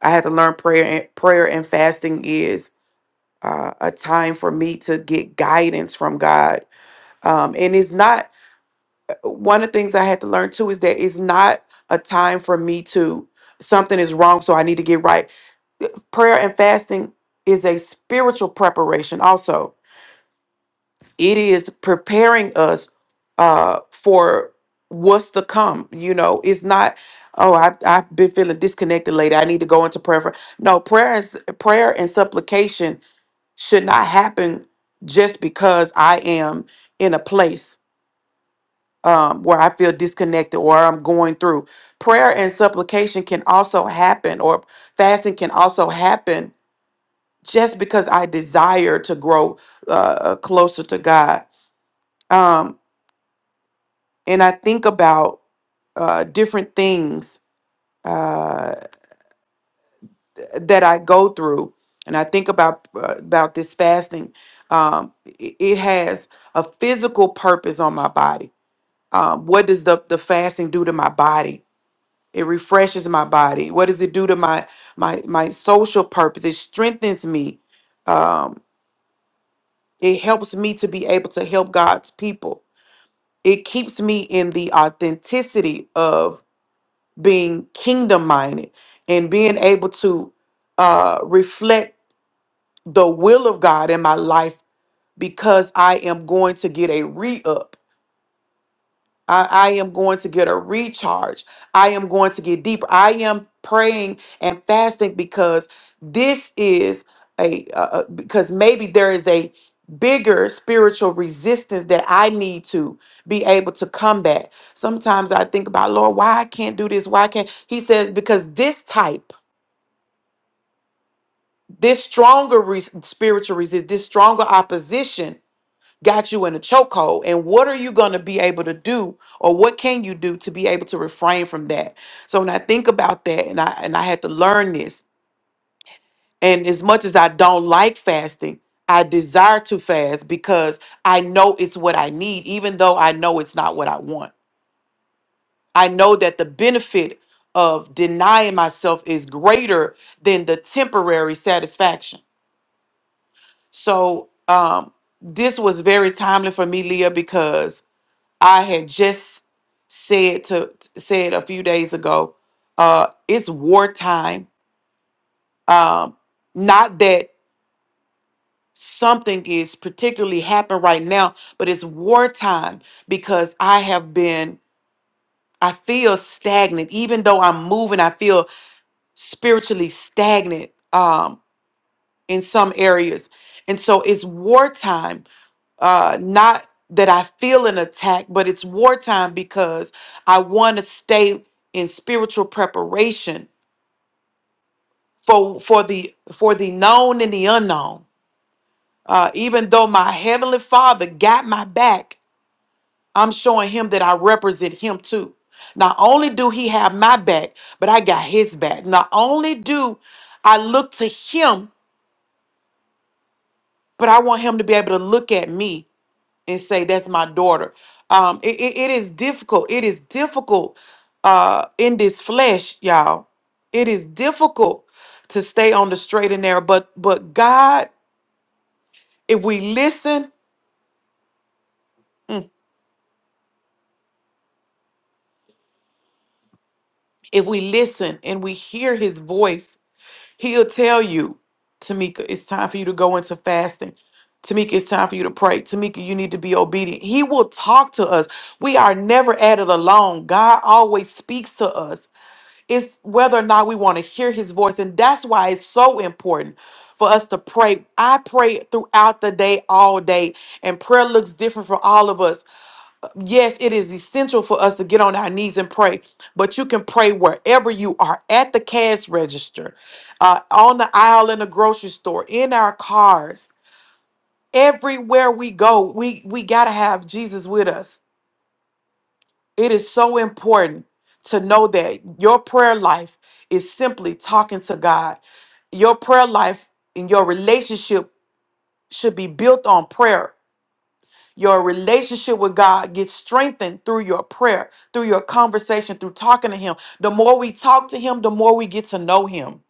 [SPEAKER 5] I had to learn prayer and prayer and fasting is uh, a time for me to get guidance from God. Um, and it's not uh, one of the things I had to learn too is that it's not a time for me to something is wrong, so I need to get right. Prayer and fasting is a spiritual preparation also it is preparing us uh for what's to come you know it's not oh I've, I've been feeling disconnected lately i need to go into prayer for no prayer is prayer and supplication should not happen just because i am in a place um, where i feel disconnected or i'm going through prayer and supplication can also happen or fasting can also happen just because i desire to grow uh, uh, closer to god Um, and I think about uh, different things uh, that I go through, and I think about uh, about this fasting. Um, it, it has a physical purpose on my body. Um, what does the the fasting do to my body? It refreshes my body. What does it do to my my my social purpose? It strengthens me. Um, it helps me to be able to help God's people. It keeps me in the authenticity being kingdom minded and being able to uh, reflect the will of God in my life because I am going to get a re up I, I am going to get a recharge. I am going to get deeper. I am praying and fasting because this is a, uh, uh, because maybe there is a bigger spiritual resistance that I need to be able to combat. Sometimes I think about, Lord, why I can't do this? Why I can't? He says, because this type, this stronger re- spiritual resist, this stronger opposition got you in a chokehold and what are you going to be able to do or what can you do to be able to refrain from that so when i think about that and i and i had to learn this and as much as i don't like fasting i desire to fast because i know it's what i need even though i know it's not what i want i know that the benefit of denying myself is greater than the temporary satisfaction so um this was very timely for me leah because I had just said to said a few days ago, uh, it's wartime. Um, not that something is particularly happening right now, but it's wartime because I have been, I feel stagnant. Even though I'm moving, I feel spiritually stagnant. Um, in some areas. And so it's wartime uh not that I feel an attack, but it's wartime because I want to stay in spiritual preparation for for the for the known and the unknown. Uh, even though my heavenly Father got my back, I'm showing him that I represent him too. Not only do he have my back, but I got his back. Not only do I look to him, but I want him to be able to look at me and say that's my daughter um it, it, it is difficult it is difficult uh in this flesh y'all it is difficult to stay on the straight and narrow but but god if we listen mm, if we listen and we hear his voice he'll tell you tamika it's time for you to go into fasting Tamika, it's time for you to pray. Tamika, you need to be obedient. He will talk to us. We are never at it alone. God always speaks to us. It's whether or not we want to hear his voice. And that's why it's so important for us to pray. I pray throughout the day, all day, and prayer looks different for all of us. Yes, it is essential for us to get on our knees and pray, but you can pray wherever you are at the cash register, uh, on the aisle in the grocery store, in our cars. Everywhere we go, we, we got to have Jesus with us. It is so important to know that your prayer life is simply talking to God. Your prayer life and your relationship should be built on prayer. Your relationship with God gets strengthened through your prayer, through your conversation, through talking to Him. The more we talk to Him, the more we get to know Him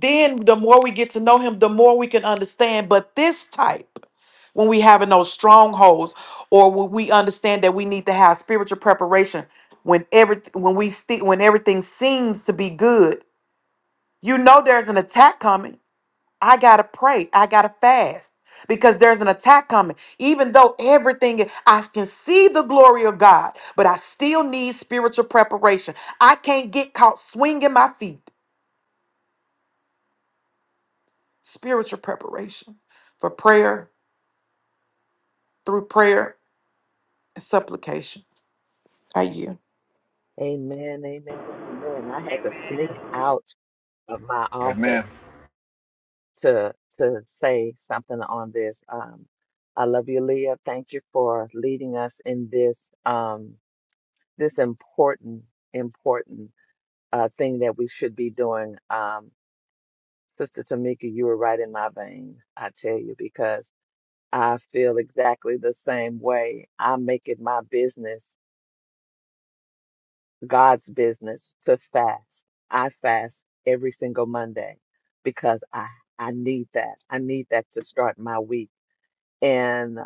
[SPEAKER 5] then the more we get to know him, the more we can understand. But this type, when we having those strongholds, or when we understand that we need to have spiritual preparation, when every when we see when everything seems to be good, you know there's an attack coming. I gotta pray. I gotta fast because there's an attack coming. Even though everything I can see the glory of God, but I still need spiritual preparation. I can't get caught swinging my feet. spiritual preparation for prayer through prayer and supplication. I you?
[SPEAKER 6] Amen, amen, amen. I had to sneak
[SPEAKER 2] Amen.
[SPEAKER 6] out of my
[SPEAKER 4] Amen.
[SPEAKER 6] office to to say something on this. Um, I love you, Leah. Thank you for leading us in this um, this important important uh, thing that we should be doing. Um, Sister Tamika, you were right in my vein. I tell you because I feel exactly the same way. I make it my business God's business to fast. I fast every single Monday because I I need that. I need that to start my week. And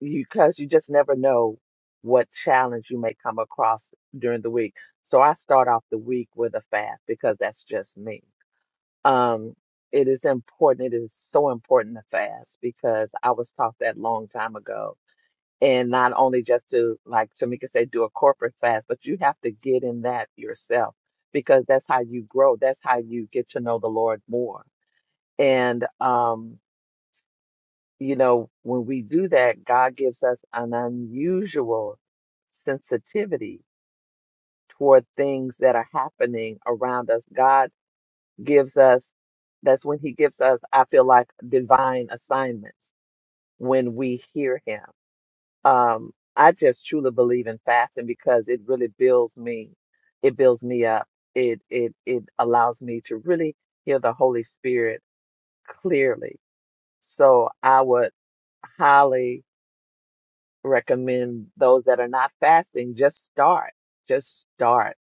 [SPEAKER 6] you because you just never know what challenge you may come across during the week. So I start off the week with a fast because that's just me. Um it is important. It is so important to fast because I was taught that long time ago and not only just to like Tamika said, do a corporate fast, but you have to get in that yourself because that's how you grow. That's how you get to know the Lord more. And um, you know, when we do that, God gives us an unusual sensitivity toward things that are happening around us. God gives us that's when he gives us, I feel like, divine assignments when we hear him um, I just truly believe in fasting because it really builds me. It builds me up. It it it allows me to really hear the Holy Spirit clearly. So I would highly recommend those that are not fasting just start. Just start.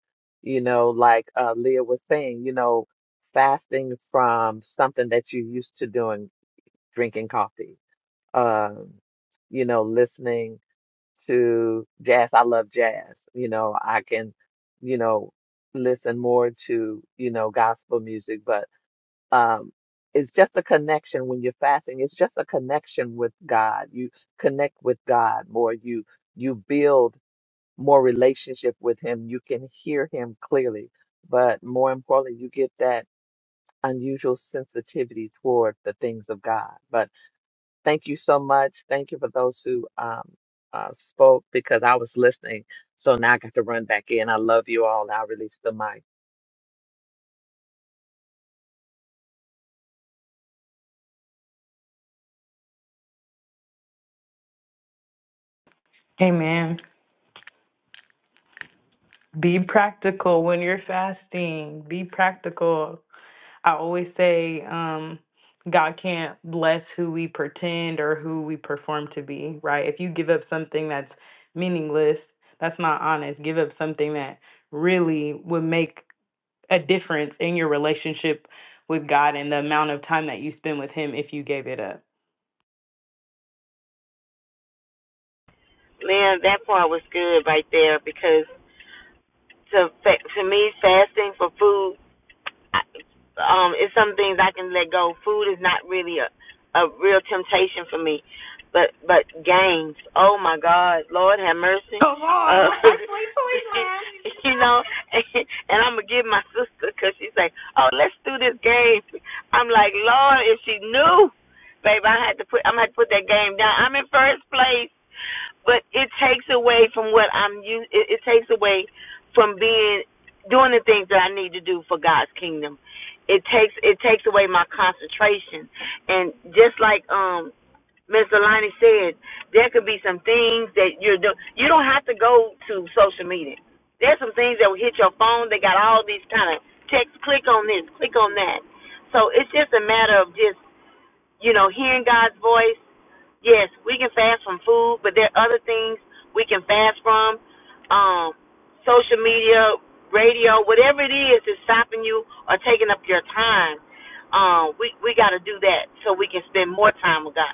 [SPEAKER 6] You know, like uh, Leah was saying, you know, fasting from something that you're used to doing, drinking coffee, um, you know, listening to jazz. I love jazz. You know, I can, you know, listen more to, you know, gospel music, but um it's just a connection when you're fasting. It's just a connection with God. You connect with God more. You you build more relationship with him. You can hear him clearly, but more importantly, you get that unusual sensitivity toward the things of God. But Thank you so much. Thank you for those who um, uh, spoke because I was listening. So now I got to run back in. I love you all. Now I release the mic.
[SPEAKER 2] Amen. Be practical when you're fasting. Be practical. I always say, um, God can't bless who we pretend or who we perform to be, right? If you give up something that's meaningless, that's not honest. Give up something that really would make a difference in your relationship with God and the amount of time that you spend with Him if you gave it up.
[SPEAKER 1] man. That part was good right there because to to me, fasting for food I, um, it's some things I can let go. Food is not really a, a real temptation for me, but but games. Oh my God, Lord have mercy.
[SPEAKER 2] Come on.
[SPEAKER 1] Uh,
[SPEAKER 2] I play Toyland.
[SPEAKER 1] you know, and, and I'm gonna give my sister because she's like, oh, let's do this game. I'm like, Lord, if she knew, babe, I had to put I'm gonna have to put that game down. I'm in first place but it takes away from what I'm used. It, it takes away from being doing the things that I need to do for God's kingdom. It takes it takes away my concentration, and just like um Ms. Alani said, there could be some things that you're doing. You don't have to go to social media. There's some things that will hit your phone. They got all these kind of texts. Click on this. Click on that. So it's just a matter of just you know, hearing God's voice. Yes, we can fast from food, but there are other things we can fast from. Um, social media, radio, whatever it is that's stopping you or taking up your time. Um, we we got to do that so we can spend more time with God.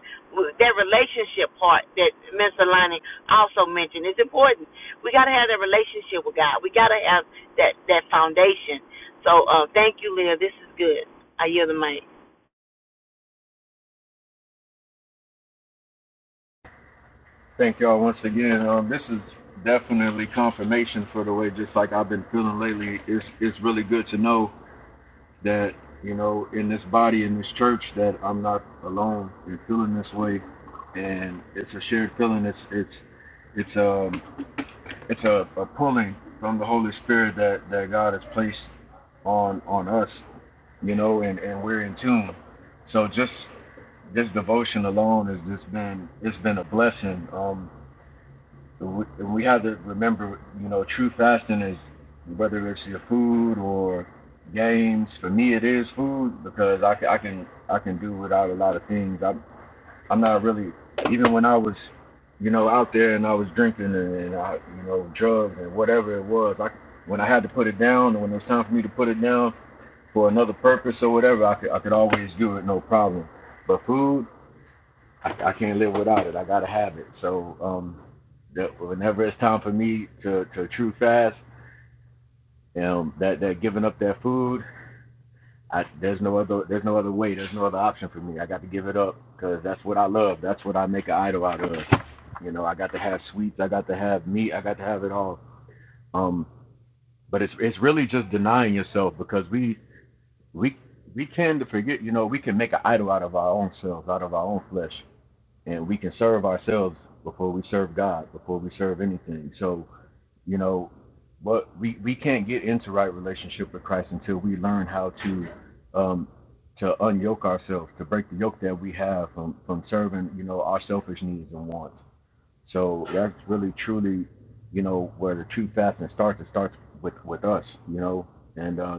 [SPEAKER 1] That relationship part that Mr. Lonnie also mentioned is important. We got to have that relationship with God. We got to have that that foundation. So uh, thank you, Leah. This is good. I yield the mic.
[SPEAKER 4] Thank y'all once again. Um, this is definitely confirmation for the way, just like I've been feeling lately. It's it's really good to know that you know in this body in this church that I'm not alone in feeling this way, and it's a shared feeling. It's it's it's um it's a, a pulling from the Holy Spirit that that God has placed on on us, you know, and and we're in tune. So just this devotion alone has just been it's been a blessing. Um, we, we have to remember, you know, true fasting is whether it's your food or games. For me, it is food because I, ca- I can I can do without a lot of things. I'm I'm not really even when I was, you know, out there and I was drinking and, and I you know drugs and whatever it was. I when I had to put it down and when it was time for me to put it down for another purpose or whatever, I could I could always do it no problem. But food. I, I can't live without it. I gotta have it. So um, that whenever it's time for me to, to true fast, um, that that giving up that food, I, there's no other there's no other way. There's no other option for me. I got to give it up because that's what I love. That's what I make an idol out of. You know, I got to have sweets. I got to have meat. I got to have it all. Um, but it's it's really just denying yourself because we we we tend to forget. You know, we can make an idol out of our own selves, out of our own flesh. and we can serve ourselves before we serve God, before we serve anything. So, you know, what we, we can't get into right relationship with Christ until we learn how to um, to unyoke ourselves, to break the yoke that we have from from serving, you know, our selfish needs and wants. So that's really truly, you know, where the true fasting starts. It starts with with us, you know. And uh,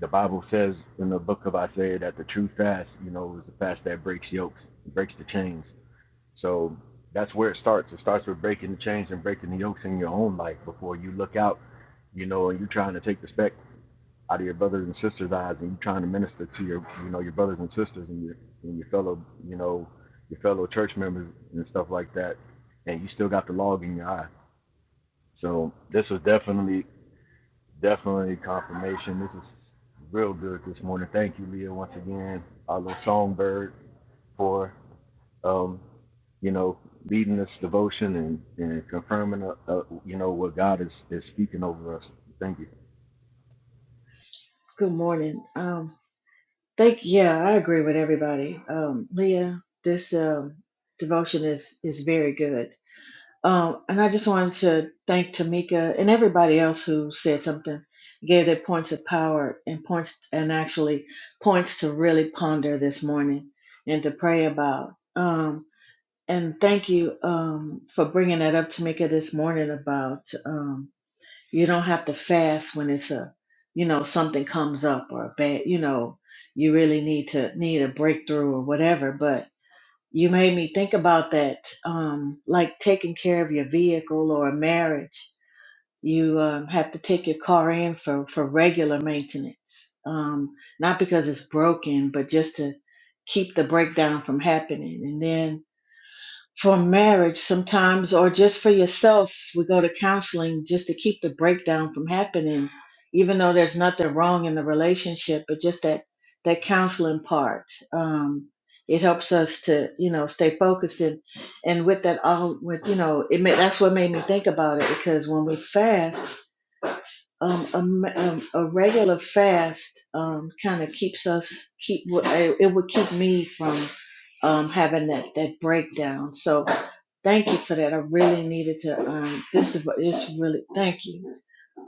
[SPEAKER 4] the Bible says in the book of Isaiah that the true fast, you know, is the fast that breaks yokes, breaks the chains so that's where it starts. It starts with breaking the chains and breaking the yokes in your own life before you look out, you know, and you're trying to take the speck out of your brothers and sisters' eyes and you're trying to minister to your, you know, your brothers and sisters and your, and your fellow, you know, your fellow church members and stuff like that. And you still got the log in your eye. So this was definitely, definitely confirmation. This is real good this morning. Thank you, Leah, once again, our little songbird for um, you know, leading this devotion and, and confirming, uh, uh, you know, what God is, is speaking over us. Thank you.
[SPEAKER 7] Good morning. Um, thank yeah, I agree with everybody. Um, Leah, this um, devotion is is very good. Um, and I just wanted to thank Tamika and everybody else who said something, gave their points of power and points and actually points to really ponder this morning and to pray about. Um, and thank you um, for bringing that up, Tamika, this morning about. Um, you don't have to fast when it's a, you know, something comes up or a bad, you know, you really need to need a breakthrough or whatever. But you made me think about that, um, like taking care of your vehicle or a marriage. You um, have to take your car in for for regular maintenance, um, not because it's broken, but just to keep the breakdown from happening. And then for marriage sometimes or just for yourself we go to counseling just to keep the breakdown from happening even though there's nothing wrong in the relationship but just that that counseling part um it helps us to you know stay focused and and with that all with you know it may that's what made me think about it because when we fast um, a, m- um, a regular fast um, kind of keeps us keep it would keep me from um, having that that breakdown. So thank you for that. I really needed to um, this dev- this really thank you.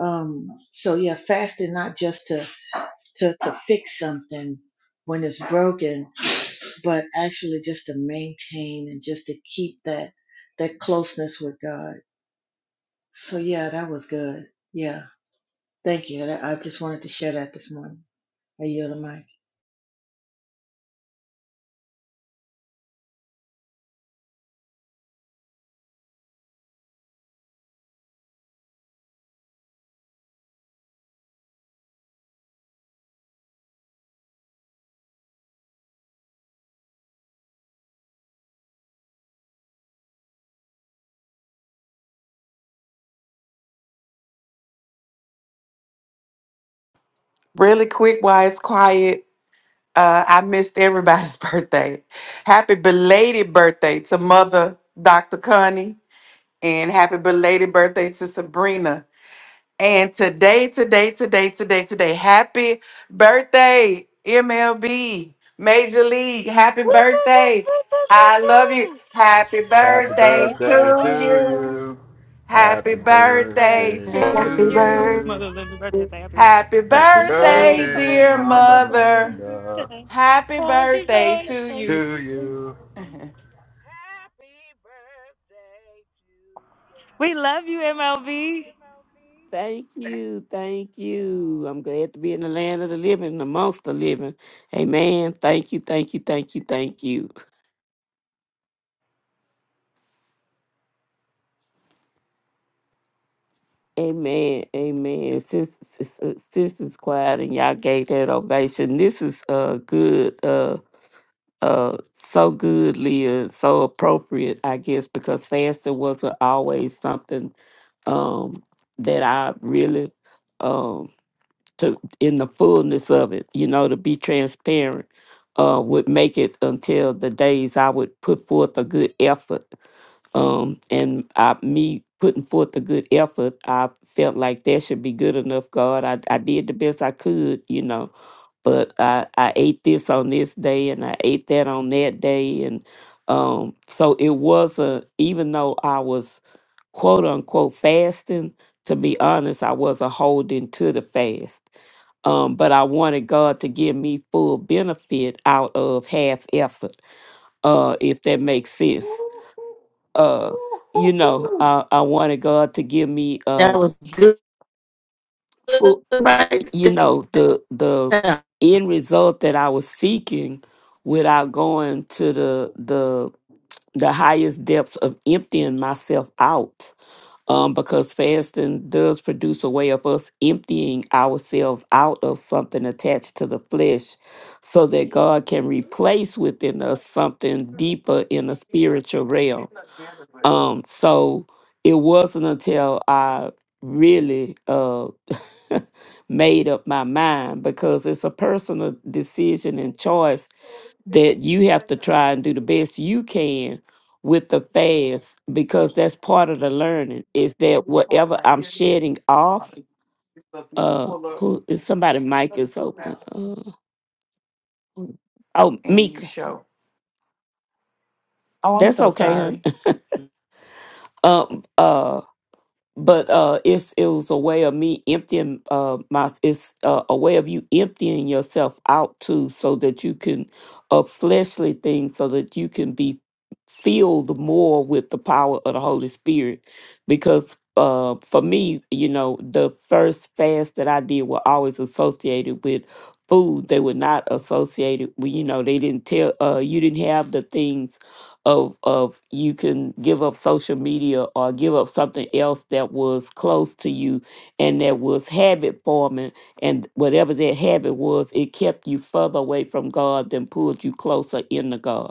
[SPEAKER 7] Um, so yeah, fasting not just to to to fix something when it's broken, but actually just to maintain and just to keep that that closeness with God. So yeah, that was good. Yeah. Thank you. That- I just wanted to share that this morning. I yield the mic.
[SPEAKER 5] Really quick while it's quiet, uh, I missed everybody's birthday. Happy belated birthday to Mother Dr. Connie and happy belated birthday to Sabrina. And today, today, today, today, today, happy birthday, MLB, Major League, happy
[SPEAKER 2] Woo, woo, woo,
[SPEAKER 5] birthday. I love you.
[SPEAKER 2] woo,
[SPEAKER 5] Happy
[SPEAKER 8] Happy
[SPEAKER 4] Happy
[SPEAKER 5] birthday
[SPEAKER 8] birthday.
[SPEAKER 4] birthday
[SPEAKER 5] to
[SPEAKER 4] to
[SPEAKER 5] you.
[SPEAKER 4] you.
[SPEAKER 5] Happy
[SPEAKER 4] Happy
[SPEAKER 2] woo, woo,
[SPEAKER 5] birthday
[SPEAKER 2] Happy
[SPEAKER 4] birthday
[SPEAKER 5] to
[SPEAKER 1] Happy
[SPEAKER 8] to
[SPEAKER 4] to
[SPEAKER 2] birthday,
[SPEAKER 1] birthday.
[SPEAKER 5] you.
[SPEAKER 8] you.
[SPEAKER 4] you.
[SPEAKER 2] Mother Linda birthday, say happy birthday.
[SPEAKER 5] Happy
[SPEAKER 4] Happy
[SPEAKER 2] Happy
[SPEAKER 8] Happy
[SPEAKER 2] birthday,
[SPEAKER 5] birthday,
[SPEAKER 4] birthday,
[SPEAKER 8] birthday,
[SPEAKER 5] dear
[SPEAKER 2] Mother
[SPEAKER 4] Mama
[SPEAKER 8] dear
[SPEAKER 2] Linda
[SPEAKER 5] mother.
[SPEAKER 8] mother.
[SPEAKER 4] Linda,
[SPEAKER 2] Happy
[SPEAKER 5] Happy
[SPEAKER 8] Happy
[SPEAKER 5] birthday to
[SPEAKER 8] birthday
[SPEAKER 5] you.
[SPEAKER 4] to
[SPEAKER 8] to
[SPEAKER 2] birthday.
[SPEAKER 8] you.
[SPEAKER 4] you.
[SPEAKER 8] Happy birthday to you.
[SPEAKER 2] We love you,
[SPEAKER 8] We love
[SPEAKER 2] MLB.
[SPEAKER 8] you, MLB.
[SPEAKER 9] Thank you. Thank you. I'm glad to be in the land of the living, and amongst the living. Amen. Thank you. Thank you. Thank you. Thank you. Amen. Amen. Since since since is quiet and y'all gave that ovation, this is uh good. Uh, uh, so good, Leah. So appropriate, I guess, because fasting wasn't always something um that I really um. to in the fullness of it, you know, to be transparent, uh, would make it until the days I would put forth a good effort. Um, and I, me putting forth a good effort, I felt like that should be good enough, God. I, I did the best I could, you know, but I, I ate this on this day and I ate that on that day. And um, so it wasn't, even though I was quote unquote fasting. To be honest, I wasn't holding to the fast. Um, but I wanted God to give me full benefit out of half effort, uh, if that makes sense. Uh, you know, I, I wanted God to give me
[SPEAKER 1] That
[SPEAKER 9] um
[SPEAKER 1] was good
[SPEAKER 9] full
[SPEAKER 1] right
[SPEAKER 9] you know, the the
[SPEAKER 1] there.
[SPEAKER 9] end result that I was seeking without going to the the the highest depths of emptying myself out um, because fasting does produce a way of us emptying ourselves out of something attached to the flesh so that God can replace within us something deeper in the spiritual realm. Um, so it wasn't until I really uh, made up my mind because it's a personal decision and choice that you have to try and do the best you can with the fast because that's part of the learning is that whatever I'm shedding off, uh who is somebody mic is open. Uh, oh
[SPEAKER 5] And you
[SPEAKER 9] Mika.
[SPEAKER 5] show. Oh, I'm
[SPEAKER 9] That's
[SPEAKER 5] so
[SPEAKER 9] okay,
[SPEAKER 5] sorry.
[SPEAKER 9] huh? Um uh but uh it's it was a way of me emptying uh my it's uh, a way of you emptying yourself out too so that you can of fleshly things so that you can be filled more with the power of the holy spirit because uh for me you know the first fast that i did were always associated with food they were not associated with you know they didn't tell uh you didn't have the things of of you can give up social media or give up something else that was close to you and that was habit forming and whatever that habit was it kept you further away from god than pulled you closer into god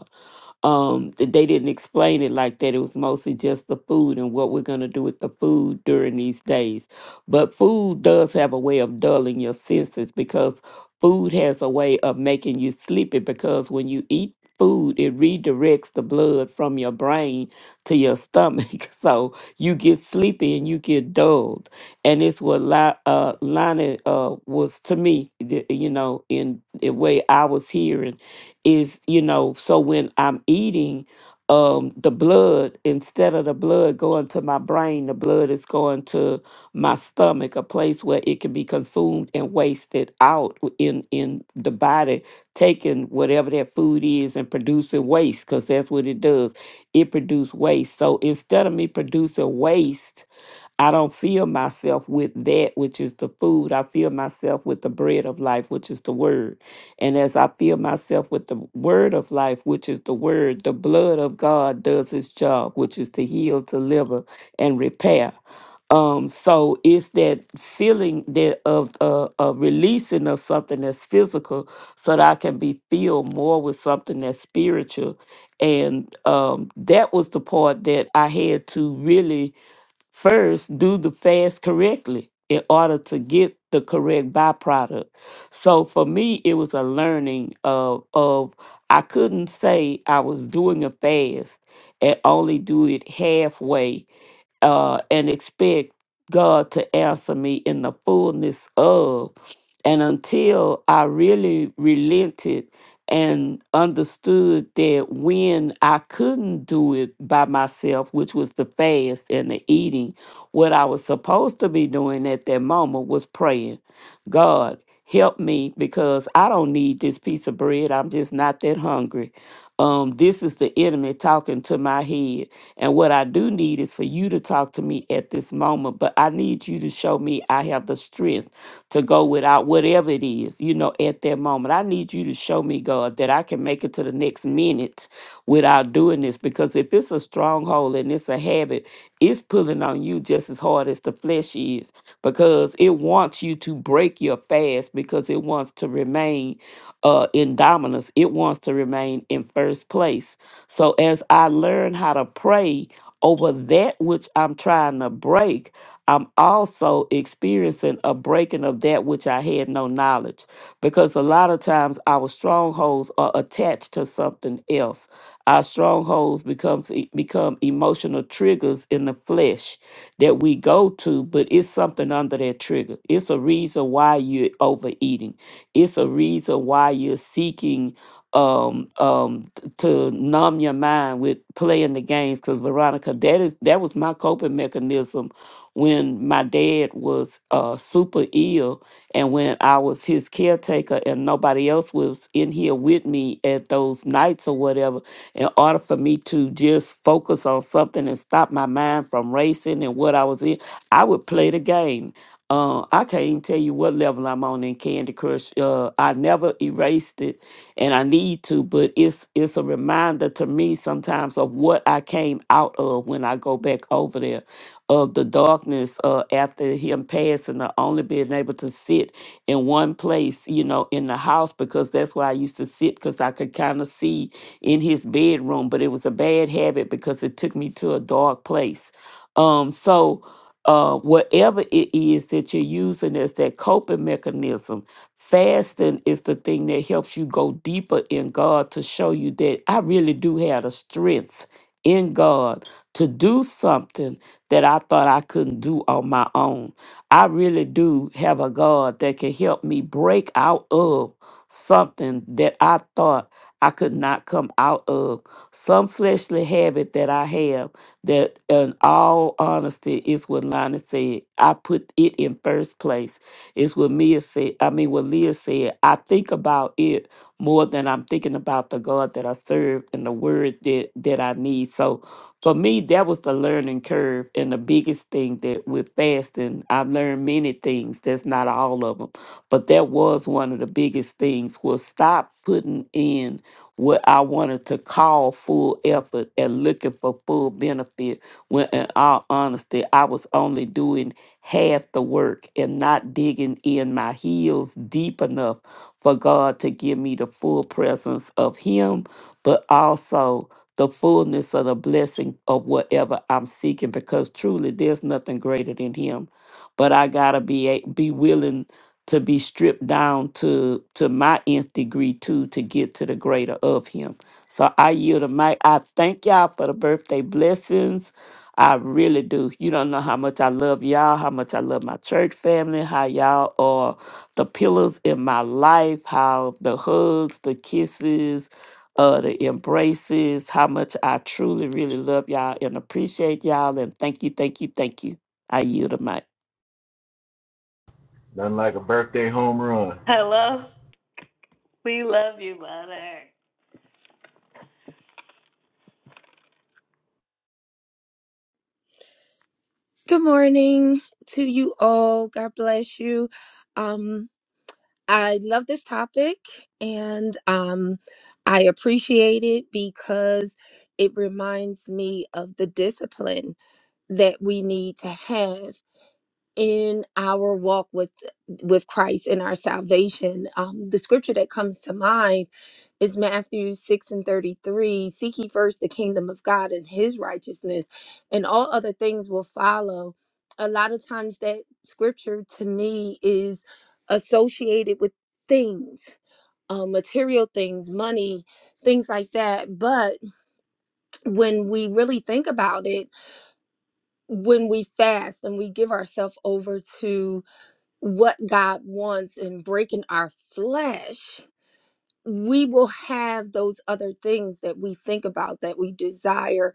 [SPEAKER 9] um that they didn't explain it like that it was mostly just the food and what we're going to do with the food during these days but food does have a way of dulling your senses because food has a way of making you sleepy because when you eat food it redirects the blood from your brain to your stomach so you get sleepy and you get dulled and it's what Li- uh, Lonnie uh, was to me th- you know in the way i was hearing is you know so when i'm eating um the blood instead of the blood going to my brain the blood is going to my stomach a place where it can be consumed and wasted out w- in in the body taking whatever that food is and producing waste because that's what it does it produces waste so instead of me producing waste I don't fill myself with that which is the food. I fill myself with the bread of life, which is the word. And as I fill myself with the word of life, which is the word, the blood of God does its job, which is to heal, deliver, and repair. Um, so it's that feeling that of uh, a releasing of something that's physical, so that I can be filled more with something that's spiritual, and um, that was the part that I had to really first do the fast correctly in order to get the correct byproduct. So for me, it was a learning of of I couldn't say I was doing a fast and only do it halfway uh, and expect God to answer me in the fullness of. And until I really relented and understood that when I couldn't do it by myself, which was the fast and the eating, what I was supposed to be doing at that moment was praying. God, help me because I don't need this piece of bread. I'm just not that hungry. Um, this is the enemy talking to my head. And what I do need is for you to talk to me at this moment, but I need you to show me I have the strength to go without whatever it is is, you know, at that moment. I need you to show me, God, that I can make it to the next minute without doing this. Because if it's a stronghold and it's a habit, it's pulling on you just as hard as the flesh is because it wants you to break your fast because it wants to remain uh, in dominance, it wants to remain in first place. So as I learn how to pray over that which I'm trying to break, I'm also experiencing a breaking of that which I had no knowledge because a lot of times our strongholds are attached to something else. Our strongholds becomes e, become emotional triggers in the flesh that we go to, but it's something under that trigger. It's a reason why you're overeating. It's a reason why you're seeking um um t- to numb your mind with playing the games because veronica that is that was my coping mechanism when my dad was uh, super ill and when I was his caretaker and nobody else was in here with me at those nights or whatever, in order for me to just focus on something and stop my mind from racing and what I was in, I would play the game. Uh, I can't even tell you what level I'm on in Candy Crush. Uh, I never erased it, and I need to, but it's it's a reminder to me sometimes of what I came out of when I go back over there of the darkness uh, after him passing, or only being able to sit in one place, you know, in the house, because that's where I used to sit because I could kind of see in his bedroom. But it was a bad habit because it took me to a dark place. Um, so, uh, whatever it is that you're using as that coping mechanism, fasting is the thing that helps you go deeper in God to show you that I really do have the strength in God to do something that I thought I couldn't do on my own. I really do have a God that can help me break out of something that I thought I could not come out of. Some fleshly habit that I have that in all honesty is what Lana said. I put it in first place. It's what Mia said. I mean what Leah said. I think about it more than I'm thinking about the God that I serve and the word that that I need. So for me, that was the learning curve and the biggest thing that with fasting, I learned many things. That's not all of them, but that was one of the biggest things was stop putting in what I wanted to call full effort and looking for full benefit. When in all honesty, I was only doing half the work and not digging in my heels deep enough for God to give me the full presence of Him, but also the fullness of the blessing of whatever I'm seeking because truly there's nothing greater than him. But I got to be a- be willing to be stripped down to to my nth degree too to get to the greater of him. So I yield to my I thank y'all for the birthday blessings. I really do. You don't know how much I love y'all, how much I love my church family, how y'all are the pillars in my life, how the hugs, the kisses, uh, the embraces, how much I truly, really love y'all and appreciate y'all. And thank you, thank you, thank you. I yield the mic.
[SPEAKER 4] Nothing like a birthday home run.
[SPEAKER 2] We
[SPEAKER 10] Good morning to you all. God bless you. Um, I love this topic and um, I appreciate it because it reminds me of the discipline that we need to have in our walk with with Christ in our salvation. Um, the scripture that comes to mind is Matthew 6 and 33. Seek ye first the kingdom of God and his righteousness, and all other things will follow. A lot of times that scripture to me is associated with things, uh, material things, money, things like that. But when we really think about it, when we fast and we give ourselves over to what God wants and breaking our flesh, we will have those other things that we think about that we desire.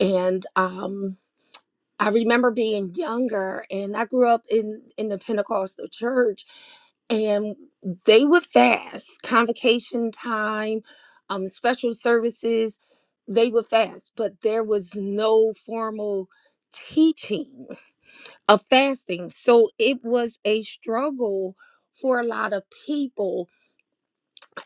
[SPEAKER 10] And um, I remember being younger, and I grew up in in the Pentecostal church, and they would fast convocation time, um, special services. They would fast, but there was no formal teaching of fasting. So it was a struggle for a lot of people.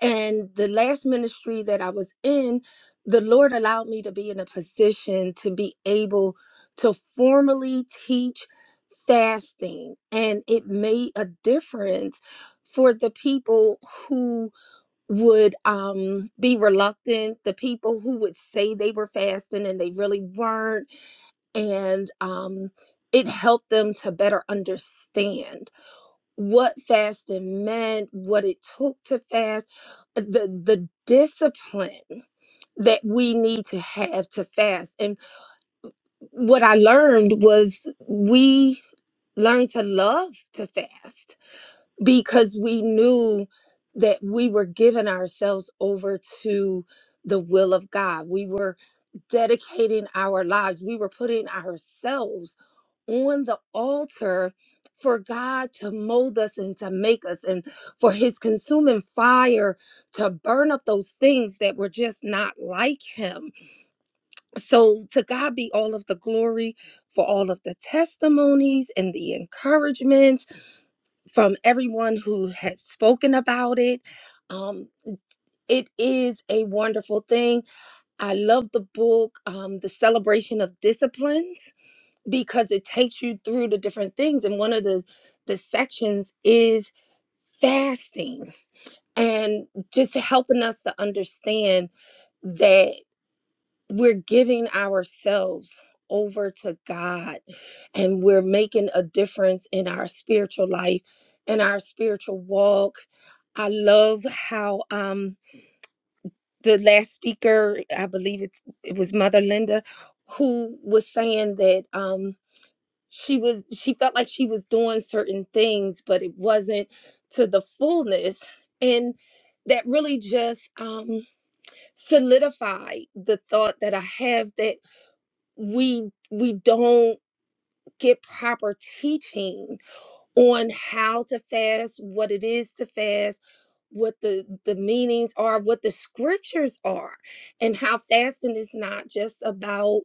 [SPEAKER 10] And the last ministry that I was in, the Lord allowed me to be in a position to be able to formally teach fasting. And it made a difference for the people who would um, be reluctant, the people who would say they were fasting and they really weren't and um, it helped them to better understand what fasting meant, what it took to fast, the the discipline that we need to have to fast. And what I learned was we learned to love to fast because we knew that we were giving ourselves over to the will of God. We were dedicating our lives. We were putting ourselves on the altar for God to mold us and to make us and for his consuming fire to burn up those things that were just not like him. So to God be all of the glory for all of the testimonies and the encouragements from everyone who has spoken about it. Um, it is a wonderful thing I love the book, um, The Celebration of Disciplines, because it takes you through the different things. And one of the, the sections is fasting and just helping us to understand that we're giving ourselves over to God and we're making a difference in our spiritual life, in our spiritual walk. I love how um, the last speaker, I believe it's it was Mother Linda, who was saying that um she was she felt like she was doing certain things, but it wasn't to the fullness. And that really just um solidified the thought that I have that we we don't get proper teaching on how to fast, what it is to fast, what the the meanings are, what the scriptures are, and how fasting is not just about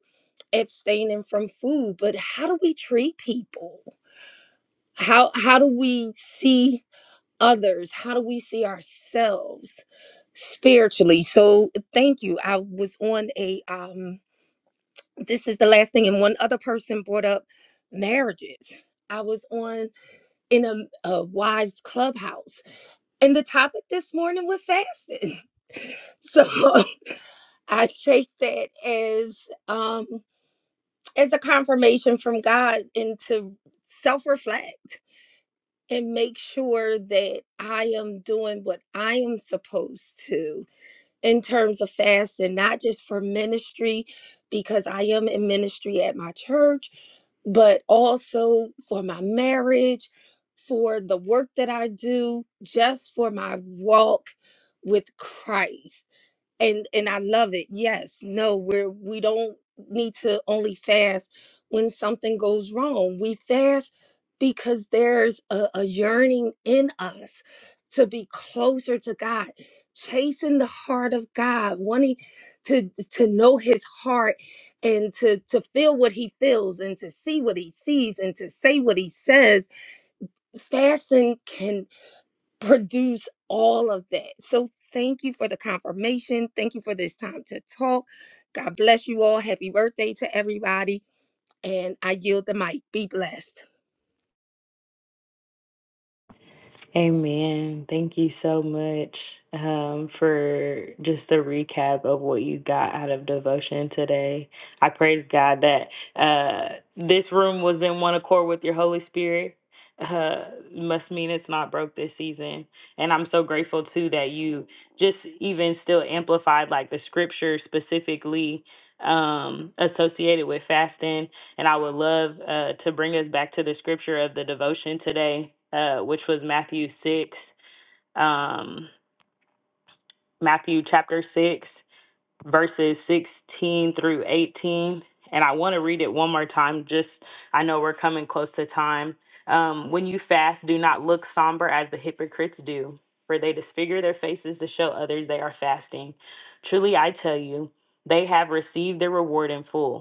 [SPEAKER 10] abstaining from food, but how do we treat people? How how do we see others? How do we see ourselves spiritually? So thank you. I was on a um this is the last thing and one other person brought up marriages. I was on in a, a wives clubhouse. And the topic this morning was fasting. So I take that as um as a confirmation from God and to self-reflect and make sure that I am doing what I am supposed to in terms of fasting, not just for ministry, because I am in ministry at my church, but also for my marriage, for the work that I do, just for my walk with Christ and and I love it. Yes, no, we're we don't need to only fast when something goes wrong. We fast because there's a, a yearning in us to be closer to God, chasing the heart of God, wanting to to know His heart and to to feel what He feels and to see what He sees and to say what He says. Fasting can produce all of that. So thank you for the confirmation. Thank you for this time to talk. God bless you all. Happy birthday to everybody. And I yield the mic. Be blessed.
[SPEAKER 2] Amen. Thank you so much um, for just the recap of what you got out of devotion today. I praise God that uh, this room was in one accord with your Holy Spirit. Uh, must mean it's not broke this season. And I'm so grateful too that you just even still amplified like the scripture specifically um, associated with fasting and I would love uh, to bring us back to the scripture of the devotion today, uh, which was Matthew 6, um, Matthew chapter 6, verses 16 through 18. And I want to read it one more time, just I know we're coming close to time. Um, when you fast, do not look somber as the hypocrites do, for they disfigure their faces to show others they are fasting. Truly, I tell you, they have received their reward in full.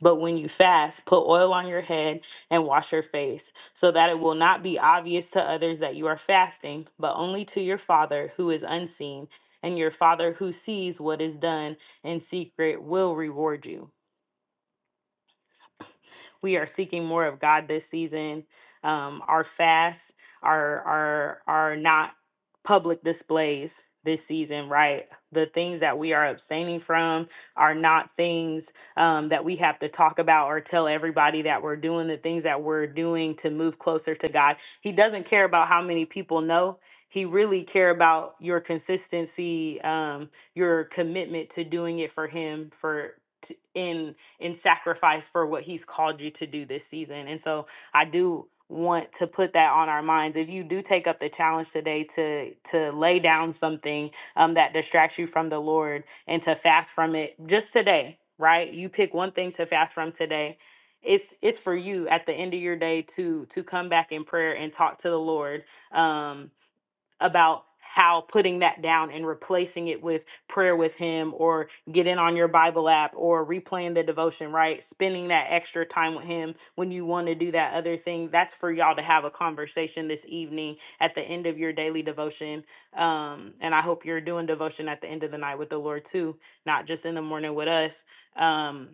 [SPEAKER 2] But when you fast, put oil on your head and wash your face, so that it will not be obvious to others that you are fasting, but only to your Father who is unseen. And your Father who sees what is done in secret will reward you. we are seeking more of God this season. Um, our fasts are are are not public displays this season, right? The things that we are abstaining from are not things um, that we have to talk about or tell everybody that we're doing. The things that we're doing to move closer to God, He doesn't care about how many people know he really care about your consistency, um, your commitment to doing it for him for in in sacrifice for what he's called you to do this season. And so I do want to put that on our minds. If you do take up the challenge today to to lay down something um, that distracts you from the Lord and to fast from it just today, right? You pick one thing to fast from today. It's it's for you at the end of your day to to come back in prayer and talk to the Lord. Um, about how putting that down and replacing it with prayer with him or get in on your bible app or replaying the devotion right spending that extra time with him when you want to do that other thing that's for y'all to have a conversation this evening at the end of your daily devotion um and i hope you're doing devotion at the end of the night with the lord too not just in the morning with us um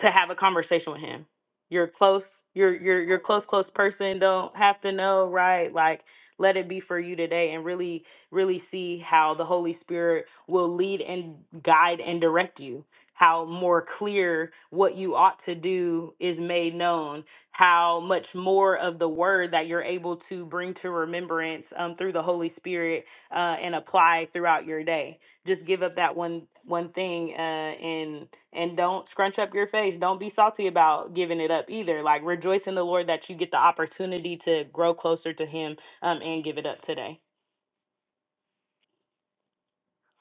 [SPEAKER 2] to have a conversation with him. You're close, you're you're you're close, close person. Don't have to know, right? Like let it be for you today and really, really see how the Holy Spirit will lead and guide and direct you. How more clear what you ought to do is made known. How much more of the word that you're able to bring to remembrance um, through the Holy Spirit uh, and apply throughout your day just give up that one one thing uh and and don't scrunch up your face don't be salty about giving it up either like rejoice in the lord that you get the opportunity to grow closer to him um and give it up today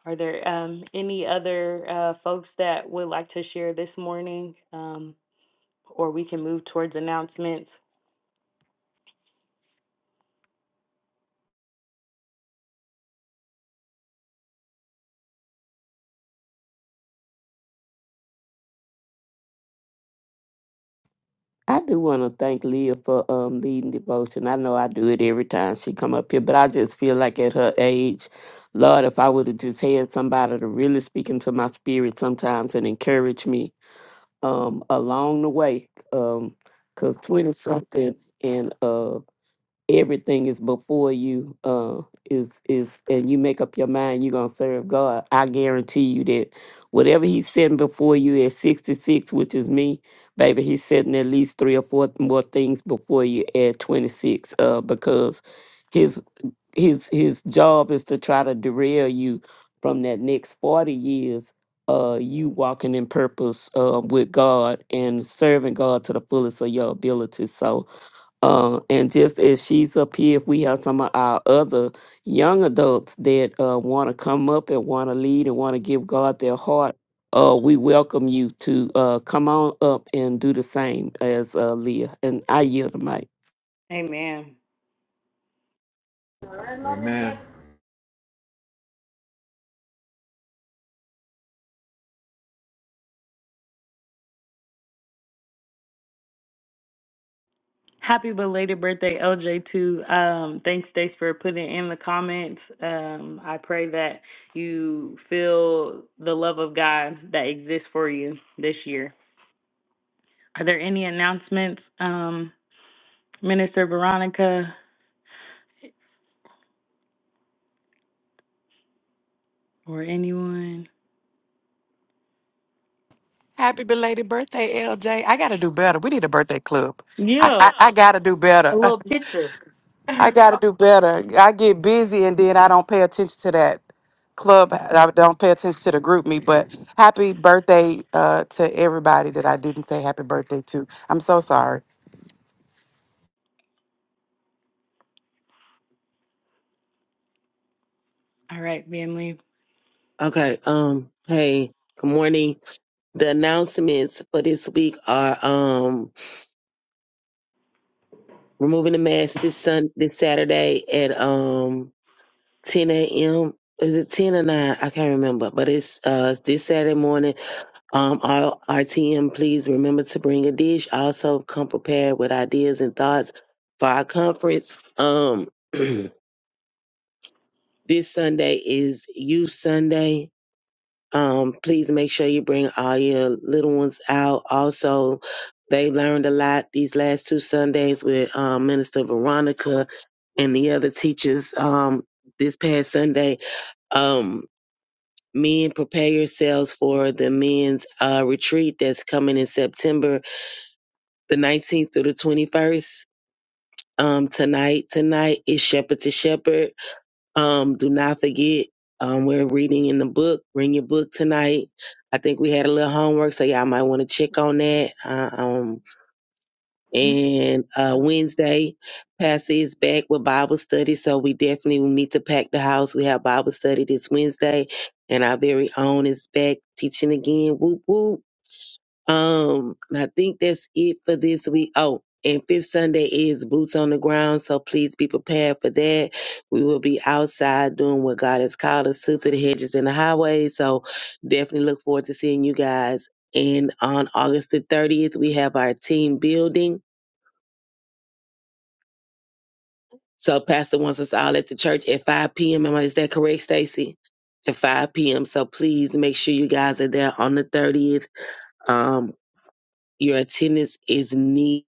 [SPEAKER 2] are there um any other uh folks that would like to share this morning um or we can move towards announcements
[SPEAKER 9] I do want to thank Leah for um, leading devotion. I know I do it every time she come up here, but I just feel like at her age, Lord, if I would have just had somebody to really speak into my spirit sometimes and encourage me um, along the way, because 20 something and uh, everything is before you uh is is and you make up your mind you're gonna serve god i guarantee you that whatever he's setting before you at 66 which is me baby he's setting at least three or four more things before you at 26 uh because his his his job is to try to derail you from that next 40 years uh you walking in purpose uh with god and serving god to the fullest of your ability so uh, and just as she's up here, if we have some of our other young adults that uh, want to come up and want to lead and want to give God their heart, uh, we welcome you to uh, come on up and do the same as uh, Leah. And I yield the mic.
[SPEAKER 2] amen
[SPEAKER 4] Amen.
[SPEAKER 2] Happy belated birthday, LJ. Too. Um, thanks, Stace, for putting in the comments. Um, I pray that you feel the love of God that exists for you this year. Are there any announcements, um, Minister Veronica, or anyone?
[SPEAKER 5] Happy belated birthday, LJ. I gotta do better. We need a birthday club. I
[SPEAKER 2] Yeah,
[SPEAKER 5] I, I gotta do better.
[SPEAKER 2] a little picture.
[SPEAKER 5] I got to
[SPEAKER 2] All
[SPEAKER 5] do better. I get busy and then I don't pay attention to that club. I don't pay attention to the group me. But happy birthday uh, to everybody that I didn't say happy birthday to. I'm so sorry.
[SPEAKER 2] right, family.
[SPEAKER 11] Okay. Um. Hey. Good morning. The announcements for this week are um removing the mask this sun this Saturday at um 10 a.m. Is it 10 or 9? I can't remember, but it's uh this Saturday morning. Um, our RTM, please remember to bring a dish. Also, come prepared with ideas and thoughts for our conference. Um, this Sunday is Youth Sunday. Um, please make sure you bring all your little ones out. Also, they learned a lot these last two Sundays with um, Minister Veronica and the other teachers um, this past Sunday. Um, men, prepare yourselves for the men's uh, retreat that's coming in September the 19th through the 21st. Um, tonight, tonight is Shepherd to Shepherd um, do not forget, um, we're reading in the book. Bring your book tonight. I think we had a little homework, so y'all might want to check on that. Uh, um, and uh, Wednesday, Pastor is back with Bible study, so we definitely need to pack the house. We have Bible study this Wednesday, and our very own is back teaching again. Whoop whoop. Um, and I think that's it for this week. Oh, and fifth Sunday is boots on the ground, so please be prepared for that. We will be outside doing what God has called us to, to the hedges and the highways. So definitely look forward to seeing you guys. And on August the 30th, we have our team building. So Pastor wants us all at the church at 5 p.m. Am I- Is that correct, Stacy? At 5 p.m. So please make sure you guys are there on the 30th. Um, your attendance is needed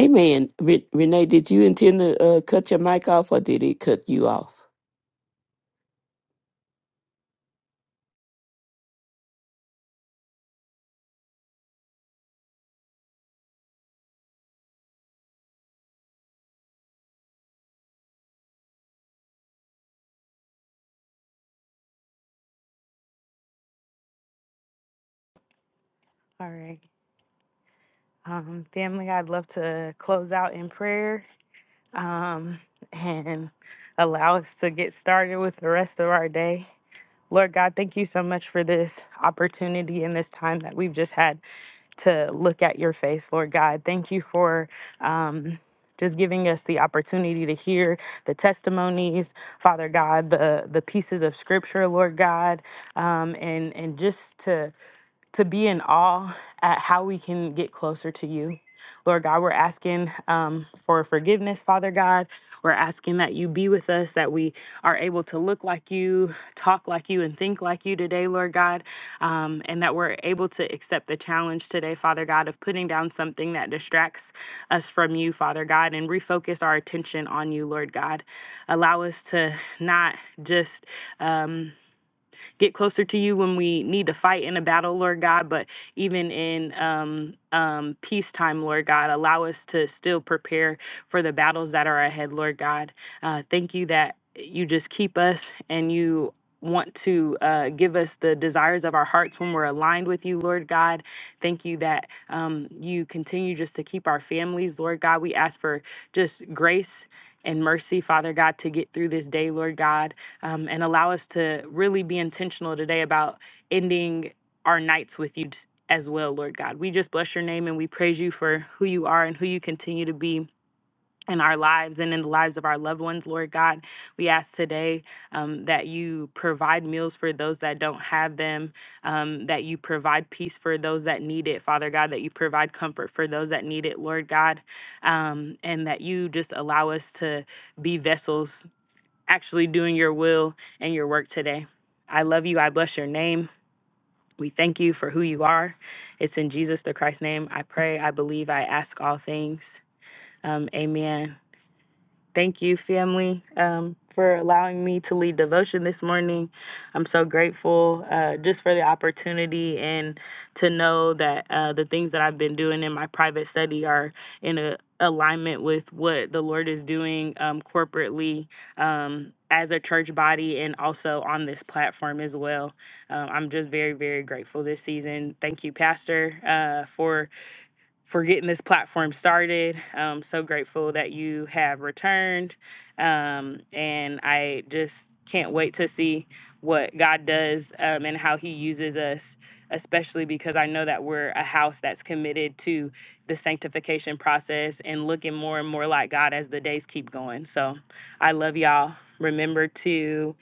[SPEAKER 9] Amen. Re- Renee, did you intend to uh, cut your mic off or did it cut you off?
[SPEAKER 2] All right. Um, family, I'd love to close out in prayer um, and allow us to get started with the rest of our day. Lord God, thank you so much for this opportunity and this time that we've just had to look at your face, Lord God. Thank you for um, just giving us the opportunity to hear the testimonies, Father God, the the pieces of Scripture, Lord God, um, and and just to to be in awe at how we can get closer to you. Lord God, we're asking um, for forgiveness, Father God. We're asking that you be with us, that we are able to look like you, talk like you, and think like you today, Lord God, um, and that we're able to accept the challenge today, Father God, of putting down something that distracts us from you, Father God, and refocus our attention on you, Lord God. Allow us to not just. Um, get closer to you when we need to fight in a battle, Lord God, but even in um, um, peacetime, Lord God, allow us to still prepare for the battles that are ahead, Lord God. Uh, thank you that you just keep us and you want to uh, give us the desires of our hearts when we're aligned with you, Lord God. Thank you that um, you continue just to keep our families, Lord God. We ask for just grace and mercy, Father God, to get through this day, Lord God um, and allow us to really be intentional today about ending our nights with you as well, Lord God. We just bless your name and we praise you for who you are and who you continue to be in our lives and in the lives of our loved ones, Lord God. We ask today um, that you provide meals for those that don't have them, um, that you provide peace for those that need it, Father God, that you provide comfort for those that need it, Lord God, um, and that you just allow us to be vessels actually doing your will and your work today. I love you. I bless your name. We thank you for who you are. It's in Jesus the Christ's name. I pray, I believe, I ask all things. Um, amen. Thank you, family, um, for allowing me to lead devotion this morning. I'm so grateful uh, just for the opportunity and to know that uh, the things that I've been doing in my private study are in a, alignment with what the Lord is doing um, corporately um, as a church body and also on this platform as well. Um, I'm just very, very grateful this season. Thank you, Pastor, uh, for for getting this platform started. Um, so grateful that you have returned. Um, and I just can't wait to see what God does um, and how He uses us, especially because I know that we're a house that's committed to the sanctification process and looking more and more like God as the days keep going. So I love y'all. Remember to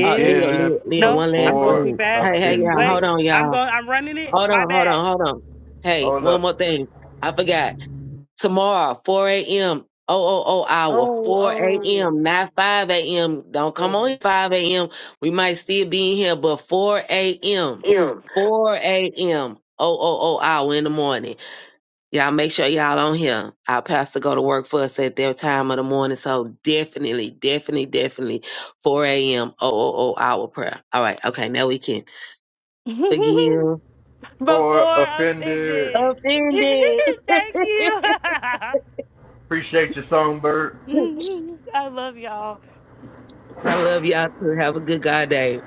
[SPEAKER 11] Uh, Leah, Leah, Leah,
[SPEAKER 2] No,
[SPEAKER 11] one
[SPEAKER 2] I'm
[SPEAKER 11] last
[SPEAKER 2] going
[SPEAKER 4] before
[SPEAKER 2] too
[SPEAKER 11] thing.
[SPEAKER 2] fast.
[SPEAKER 11] Hey, hey, y'all,
[SPEAKER 2] Wait,
[SPEAKER 11] hold
[SPEAKER 4] offended.
[SPEAKER 11] on,
[SPEAKER 2] I'm
[SPEAKER 11] y'all.
[SPEAKER 2] going. I'm running it.
[SPEAKER 11] Hold
[SPEAKER 2] My
[SPEAKER 11] on, hold on,
[SPEAKER 2] bad.
[SPEAKER 11] hold on. Hey,
[SPEAKER 4] Hold
[SPEAKER 11] one
[SPEAKER 4] up.
[SPEAKER 11] more thing. I forgot. Tomorrow, 4 a.m., OOO hour,
[SPEAKER 2] Oh,
[SPEAKER 11] 4
[SPEAKER 2] oh.
[SPEAKER 11] a.m., not 5 a.m. Don't come on
[SPEAKER 2] Over.
[SPEAKER 11] here 5 a.m. We might still be in here, but 4 a.m., 4 a.m., OOO hour in the morning. Y'all make sure y'all on here. Our pastor go to work for us at their time of the morning. So definitely, definitely, definitely 4 a.m. Oh, oh, oh, hour prayer. All right. Okay. Now we can forgive.
[SPEAKER 4] For
[SPEAKER 2] Before
[SPEAKER 4] offended.
[SPEAKER 2] offended.
[SPEAKER 11] Offended.
[SPEAKER 2] Thank you.
[SPEAKER 4] Appreciate your songbird.
[SPEAKER 2] I love y'all.
[SPEAKER 11] I love y'all too. Have a good God day.